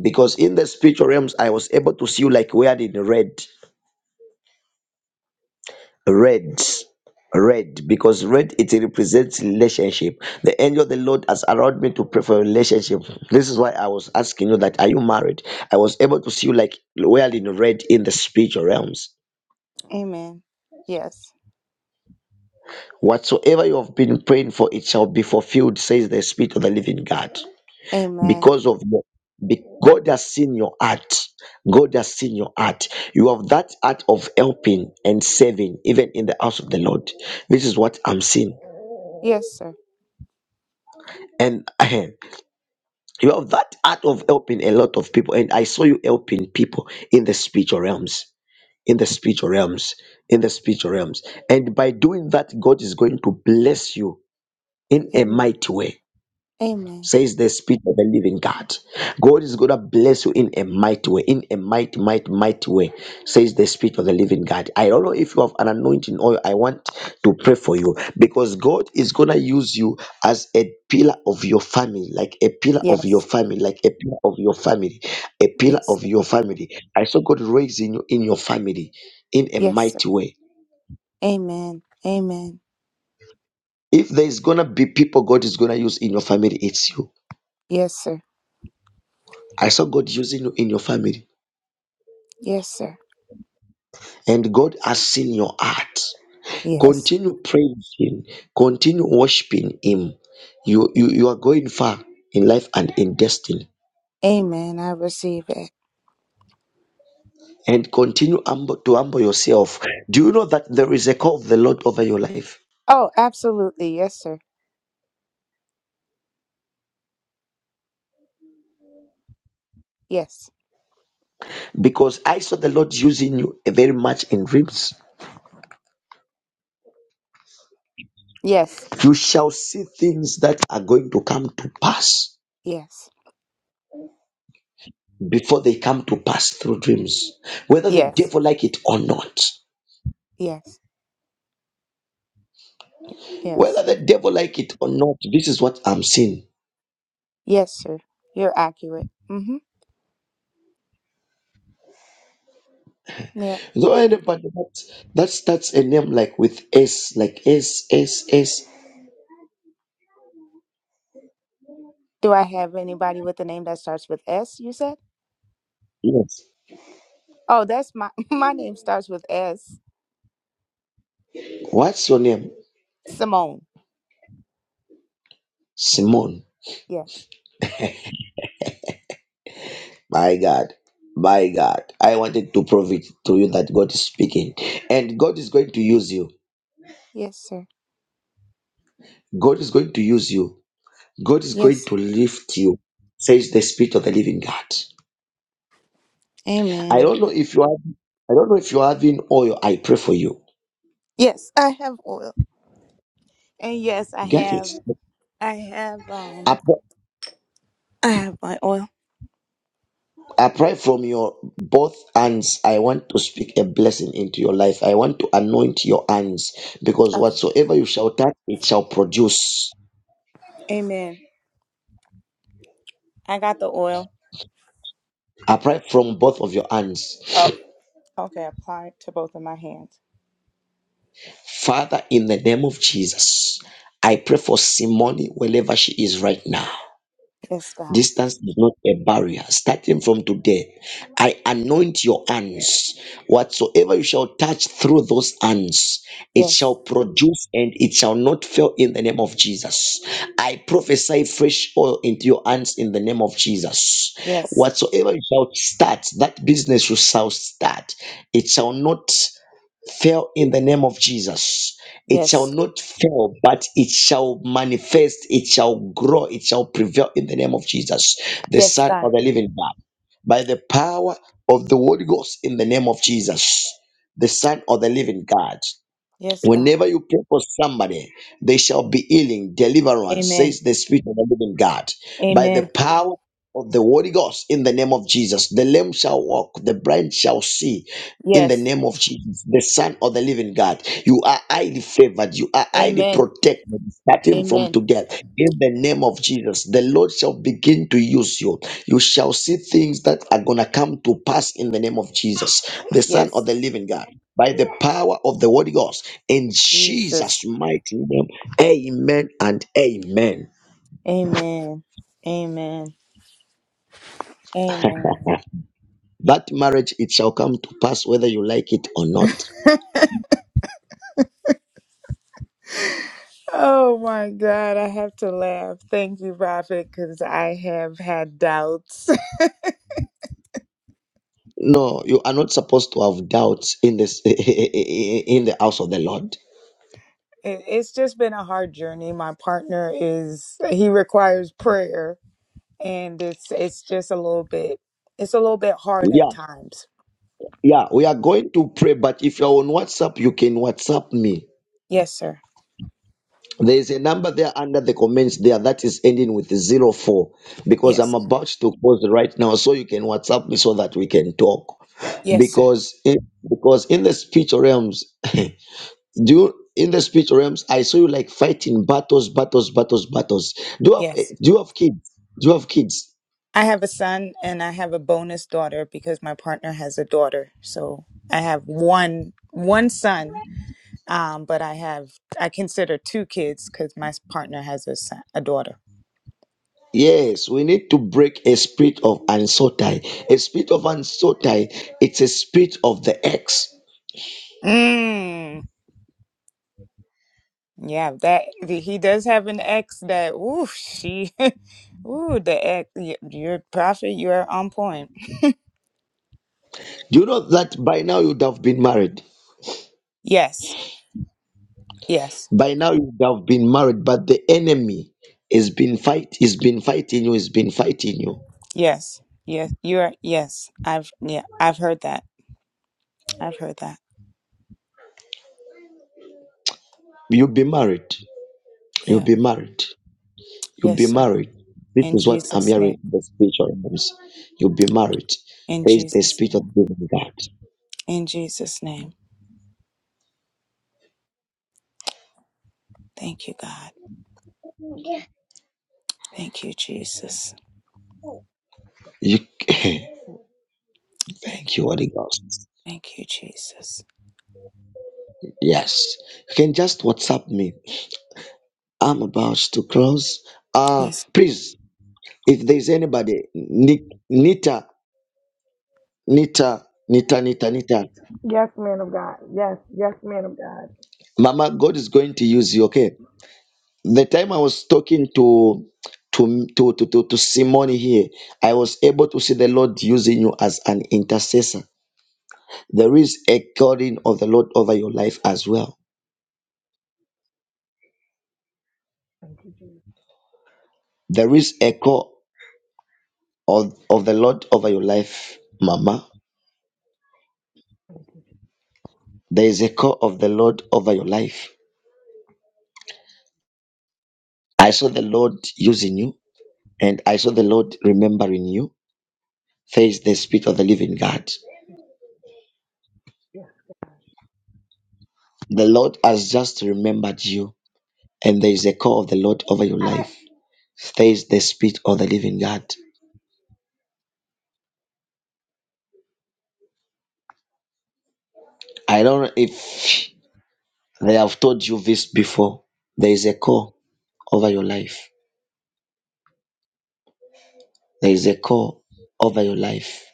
[SPEAKER 1] Because in the spiritual realms, I was able to see you like wearing in red. red red because red it represents relationship the angel of the lord has allowed me to pray for relationship this is why i was asking you that are you married i was able to see you like well in red in the spiritual realms
[SPEAKER 7] Amen. Yes.
[SPEAKER 1] whatsoever you have been praying for it shall be fulfilled says the spirit of the living god
[SPEAKER 7] Amen.
[SPEAKER 1] because of your be- god has seen your heart god has seen your heart you have that heart of helping and saving even in the house of the lord this is what i'm seeing
[SPEAKER 7] Yes, sir.
[SPEAKER 1] and you have that art of helping a lot of people and i saw you helping people in the spiritual realms in the spiritual realms in the spiritual realms and by doing that god is going to bless you in a
[SPEAKER 7] Amen.
[SPEAKER 1] mighty way
[SPEAKER 7] Amen.
[SPEAKER 1] says the spirit of the living God. God is gonna bless you in a mighty way, in a mighty, mighty, mighty way, says the spirit of the living God. I don't know if you have an anointing oil. I want to pray for you because God is gonna use you as a pillar of your family, like a pillar of your
[SPEAKER 7] Yes.
[SPEAKER 1] family, like a pillar of your family, a pillar
[SPEAKER 7] Yes,
[SPEAKER 1] of
[SPEAKER 7] sir.
[SPEAKER 1] your family. I saw God raising you in your family in a
[SPEAKER 7] Yes, sir.
[SPEAKER 1] mighty way.
[SPEAKER 7] Amen. Amen.
[SPEAKER 1] If there is gonna be people God is gonna use in your family, it's you.
[SPEAKER 7] Yes, sir.
[SPEAKER 1] I saw God using you in your family
[SPEAKER 7] Yes, sir.
[SPEAKER 1] and God has seen your heart.
[SPEAKER 7] Yes.
[SPEAKER 1] Continue praising, continue worshiping Him. You, you, you are going far in life and in destiny.
[SPEAKER 7] Amen. I receive it.
[SPEAKER 1] And continue humble, to humble yourself. Do you know that there is a call of the Lord over your life?
[SPEAKER 7] Oh, absolutely. Yes, sir. Yes.
[SPEAKER 1] Because I saw the Lord using you very much in dreams.
[SPEAKER 7] Yes,
[SPEAKER 1] You shall see things that are going to come to pass
[SPEAKER 7] yes,
[SPEAKER 1] before they come to pass through dreams, whether the
[SPEAKER 7] yes,
[SPEAKER 1] devil like it or not.
[SPEAKER 7] yes,
[SPEAKER 1] Whether
[SPEAKER 7] yes,
[SPEAKER 1] the devil like it or not, this is what I'm seeing.
[SPEAKER 7] yes, sir. You're accurate. Mm-hmm. Yeah.
[SPEAKER 1] So anyway, but that's that starts a name like with S, like S S S.
[SPEAKER 7] Do I have anybody with a name that starts with S, you said?
[SPEAKER 1] Yes.
[SPEAKER 7] Oh, that's my my name starts with S.
[SPEAKER 1] What's your name?
[SPEAKER 7] Simone.
[SPEAKER 1] Simone.
[SPEAKER 7] Yes.
[SPEAKER 1] My God. My God. I wanted to prove it to you that God is speaking. And God is going to use you.
[SPEAKER 7] Yes, sir.
[SPEAKER 1] God is going to use you. God is going
[SPEAKER 7] Yes. sir.
[SPEAKER 1] to lift you. Says the Spirit of the Living God. I
[SPEAKER 7] Amen.
[SPEAKER 1] don't know if you are I don't know if you're having oil. I pray for you.
[SPEAKER 7] Yes, I have oil. And yes, I
[SPEAKER 1] Get
[SPEAKER 7] have
[SPEAKER 1] it.
[SPEAKER 7] I have um I have my oil.
[SPEAKER 1] I pray from your both hands. I want to speak a blessing into your life. I want to anoint your hands because
[SPEAKER 7] Okay.
[SPEAKER 1] whatsoever you shall touch, it shall produce.
[SPEAKER 7] Amen. I got the oil.
[SPEAKER 1] I pray from both of your hands.
[SPEAKER 7] Oh, okay, apply it to both of my hands.
[SPEAKER 1] Father, in the name of Jesus, I pray for Simone wherever she is right now.
[SPEAKER 7] Yes, God.
[SPEAKER 1] Distance is not a barrier. Starting from today, I anoint your hands. Whatsoever you shall touch through those hands, it shall
[SPEAKER 7] Yes.
[SPEAKER 1] produce and it shall not fail in the name of Jesus. I prophesy fresh oil into your hands in the name of Jesus.
[SPEAKER 7] Yes.
[SPEAKER 1] Whatsoever you shall start, that business you shall start. It shall not. Fail in the name of Jesus. It shall
[SPEAKER 7] Yes.
[SPEAKER 1] not fail, but it shall manifest, it shall grow, it shall prevail in the name of Jesus, the
[SPEAKER 7] Yes,
[SPEAKER 1] Son of
[SPEAKER 7] God.
[SPEAKER 1] the Living God. By the power of the Holy Ghost in the name of Jesus, the Son of the Living God.
[SPEAKER 7] Yes, God.
[SPEAKER 1] Whenever you pray for somebody, they shall be healing, deliverance,
[SPEAKER 7] Amen.
[SPEAKER 1] says the Spirit of the living God. By the
[SPEAKER 7] Amen.
[SPEAKER 1] power of the Holy Ghost, in the name of Jesus, the lame shall walk, the blind shall see. In the
[SPEAKER 7] Yes.
[SPEAKER 1] name of Jesus, the Son of the Living God, you are highly favored, you are highly
[SPEAKER 7] Amen.
[SPEAKER 1] protected, starting from
[SPEAKER 7] Amen.
[SPEAKER 1] today. In the name of Jesus, the Lord shall begin to use you. You shall see things that are gonna come to pass in the name of Jesus, the Son of
[SPEAKER 7] Yes.
[SPEAKER 1] the Living God by the power of the Holy Ghost. In
[SPEAKER 7] Jesus.
[SPEAKER 1] Jesus' mighty name, amen and amen.
[SPEAKER 7] Amen. Amen. Amen.
[SPEAKER 1] that marriage, it shall come to pass whether you like it or not.
[SPEAKER 7] Oh my God, I have to laugh. Thank you, Prophet, because I have had doubts.
[SPEAKER 1] No, you are not supposed to have doubts in this in the house of the Lord.
[SPEAKER 7] It- It's just been a hard journey. My partner is, he requires prayer, and it's it's just a little bit, it's a little bit hard at
[SPEAKER 1] Yeah,
[SPEAKER 7] times.
[SPEAKER 1] yeah, we are going to pray, but if you're on WhatsApp, you can WhatsApp me.
[SPEAKER 7] Yes, sir.
[SPEAKER 1] There is a number there under the comments there that is ending with zero four because
[SPEAKER 7] Yes.
[SPEAKER 1] I'm about to close right now, so you can WhatsApp me so that we can talk.
[SPEAKER 7] Yes, sir.
[SPEAKER 1] because in, because in the spiritual realms do you in the spiritual realms i saw you like fighting battles battles battles battles do you have eh,
[SPEAKER 7] Yes.
[SPEAKER 1] do you have kids do you have kids
[SPEAKER 7] I have a son and I have a bonus daughter because my partner has a daughter. So I have one one son, um, but I have I consider two kids because my partner has a son, a daughter.
[SPEAKER 1] yes we need to break a spirit of anxiety a spirit of anxiety it's a spirit of the ex
[SPEAKER 7] Mm, yeah, that he does have an ex that. Ooh, she. Ooh, the ex. y- Your prophet, you are on point.
[SPEAKER 1] do you know that by now you would have been married
[SPEAKER 7] Yes, yes,
[SPEAKER 1] by now you would have been married but the enemy has been fight has been fighting you has been fighting you
[SPEAKER 7] yes, yes. You are. Yes, I've yeah, I've heard that. I've heard that.
[SPEAKER 1] you'll be married you'll
[SPEAKER 7] Yeah.
[SPEAKER 1] be married You'll
[SPEAKER 7] Yes,
[SPEAKER 1] be
[SPEAKER 7] sir.
[SPEAKER 1] married. This
[SPEAKER 7] In
[SPEAKER 1] is what I'm
[SPEAKER 7] Jesus' name.
[SPEAKER 1] hearing in the spiritual realms. You'll be married.
[SPEAKER 7] In
[SPEAKER 1] There is the
[SPEAKER 7] Jesus'
[SPEAKER 1] spirit of
[SPEAKER 7] name.
[SPEAKER 1] giving God.
[SPEAKER 7] In Jesus' name. Thank you, God. Thank you, Jesus.
[SPEAKER 1] You thank
[SPEAKER 7] Thank you.
[SPEAKER 1] you, Holy Ghost.
[SPEAKER 7] Thank you, Jesus.
[SPEAKER 1] Yes. You can just WhatsApp me. I'm about to close. Uh
[SPEAKER 7] Yes.
[SPEAKER 1] please, if there's anybody, Ni- Nita, Nita, Nita, Nita, Nita.
[SPEAKER 6] Yes, man of God. Yes, yes, man of God.
[SPEAKER 1] Mama, God is going to use you, okay? the time I was talking to to to to to, to Simone here, I was able to see the Lord using you as an intercessor. There is a calling of the Lord over your life as well.
[SPEAKER 6] Thank you, Jesus.
[SPEAKER 1] There is a call of, of the Lord over your life, Mama.
[SPEAKER 6] Thank you, Jesus.
[SPEAKER 1] There is a call of the Lord over your life. I saw the Lord using you, and I saw the Lord remembering you. There is the Spirit of the Living God.
[SPEAKER 6] Yes, God.
[SPEAKER 1] The Lord has just remembered you, and there is a call of the Lord over your life. says the Spirit of the Living God. I don't know if they have told you this before. There is a call over your life. There is a call over your life.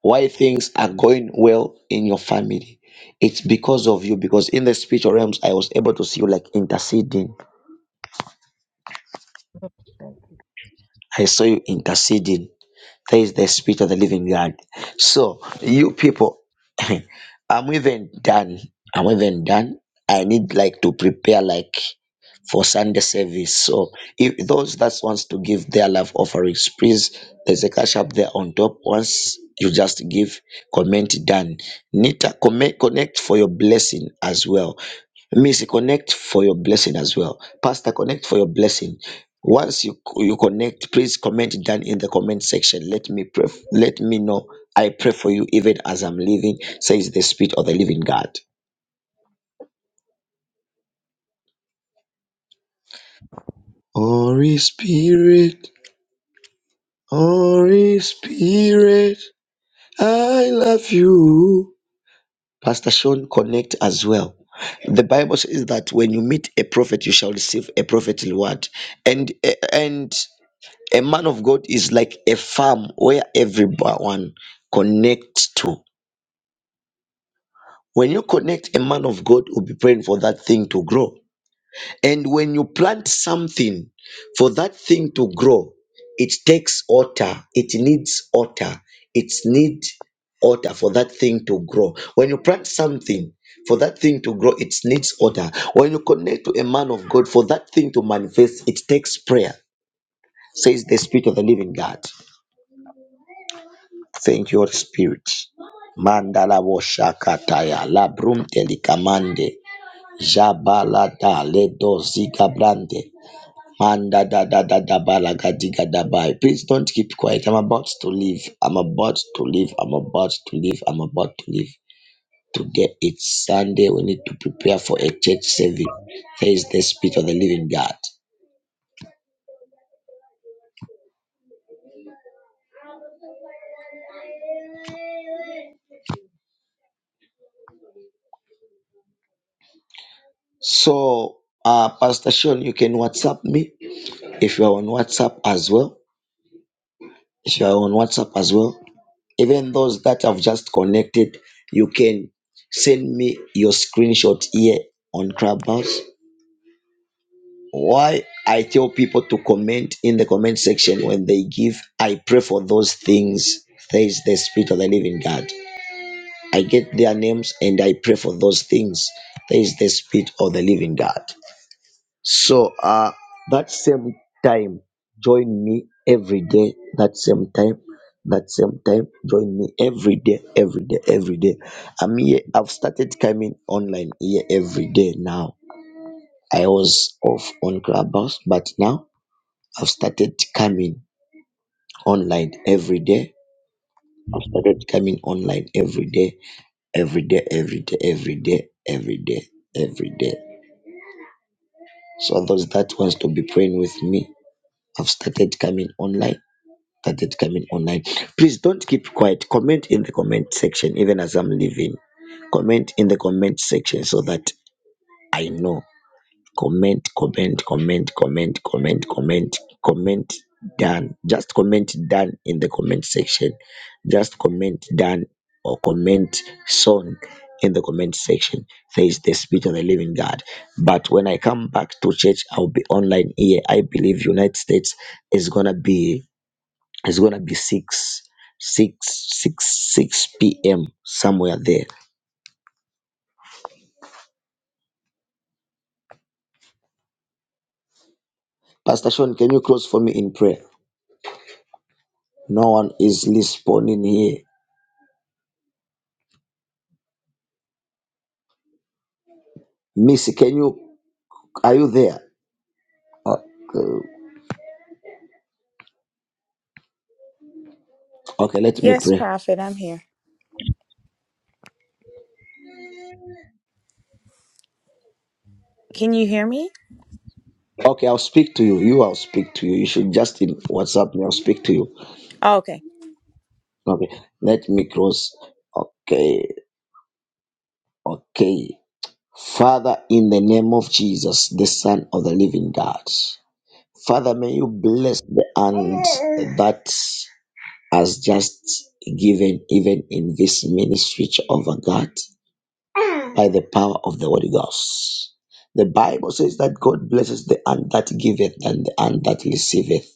[SPEAKER 1] Why things are going well in your family? It's because of you. Because in the spiritual realms, I was able to see you like interceding.
[SPEAKER 6] Thank you.
[SPEAKER 1] I saw you interceding There is the spirit of the living God. So, you people, I'm even done. I'm even done. I need like to prepare like for Sunday service. So, if those that wants to give their love offerings, please, there's a cash up there on top. Once you just give, comment done. Nita, comment, connect for your blessing as well. Missy, connect for your blessing as well. Pastor, connect for your blessing. Once you you connect, please comment down in the comment section. Let me pray. f- Let me know. I pray for you even as I'm living, says the Spirit of the Living God. Holy Spirit, Holy Spirit, I love you. Pastor Sean, connect as well. The Bible says that when you meet a prophet, you shall receive a prophetly word, and and a man of God is like a farm where everyone connects to. When you connect, a man of God will be praying for that thing to grow. And when you plant something for that thing to grow, it takes water, it needs water, it needs water for that thing to grow. When you plant something, for that thing to grow, it needs order. When you connect to a man of God, for that thing to manifest, it takes prayer, says the Spirit of the Living God. Thank you, Holy Spirit. Mandala wo shakataya, labrum telikamande. Jabalata ledo zika brande. Manda da da da da balaga diga da bai. Please don't keep quiet. I'm about to leave. I'm about to leave. I'm about to leave. I'm about to leave. Today it's Sunday. We need to prepare for a church service. There is the spirit of the living God. So, uh, Pastor Sean, you can WhatsApp me if you are on WhatsApp as well. If you are on WhatsApp as well, Even those that have just connected, you can send me your screenshot here on Clubhouse. Why I tell people to comment in the comment section when they give, I pray for those things. There is the Spirit of the Living God. I get their names and I pray for those things. There is the Spirit of the Living God. So uh, that same time, join me every day. That same time, that same time, join me every day, every day, every day. I'm here. I've started coming online here every day now. I was off on Clubhouse, but now I've started coming online every day. I've started coming online every day, every day, every day, every day, every day, every day. So those that wants to be praying with me, I've started coming online that did come in online. Please don't keep quiet. Comment in the comment section, even as I'm leaving. Comment in the comment section so that I know. Comment, comment, comment, comment, comment, comment, comment done. Just comment done in the comment section. Just comment done or comment song in the comment section. There is the spirit of the living God. But when I come back to church, I'll be online here. I believe United States is gonna be it's gonna be six, six, six, six p.m. somewhere there. Pastor Sean, can you close for me in prayer? No one is responding here. Missy, can you? Are you there? Uh, uh, okay, let me
[SPEAKER 7] Yes,
[SPEAKER 1] pray.
[SPEAKER 7] Prophet, I'm here. Can you hear me?
[SPEAKER 1] Okay, I'll speak to you. You, I'll speak to you. You should just in WhatsApp me. I'll speak to you.
[SPEAKER 7] Oh, okay.
[SPEAKER 1] Okay, let me close. Okay, okay. Father, in the name of Jesus, the Son of the Living God, Father, may you bless the hand that has just given even in this ministry of God by the power of the Holy Ghost. The Bible says that God blesses the hand that giveth and the hand that receiveth.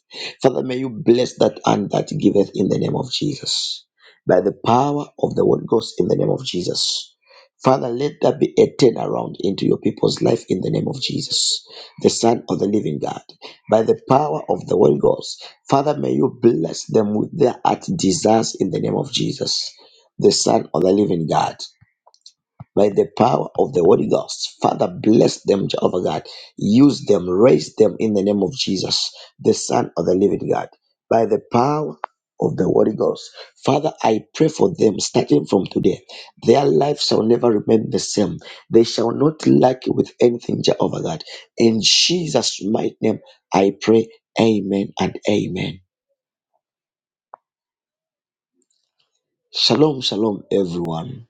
[SPEAKER 1] Father, may you bless that hand that giveth in the name of Jesus. By the power of the Holy Ghost in the name of Jesus. Father, let there be a turnaround into your people's life in the name of Jesus, the Son of the Living God. By the power of the Holy Ghost, Father, may you bless them with their heart desires in the name of Jesus, the Son of the Living God by the power of the Holy Ghost. Father, bless them, Jehovah God. Use them, raise them in the name of Jesus, the Son of the living God, by the power of the Holy Ghost. Father, I pray for them starting from today. Their life shall never remain the same. They shall not lack with anything, Jehovah God. In Jesus' mighty name, I pray. Amen and amen. Shalom, shalom, everyone.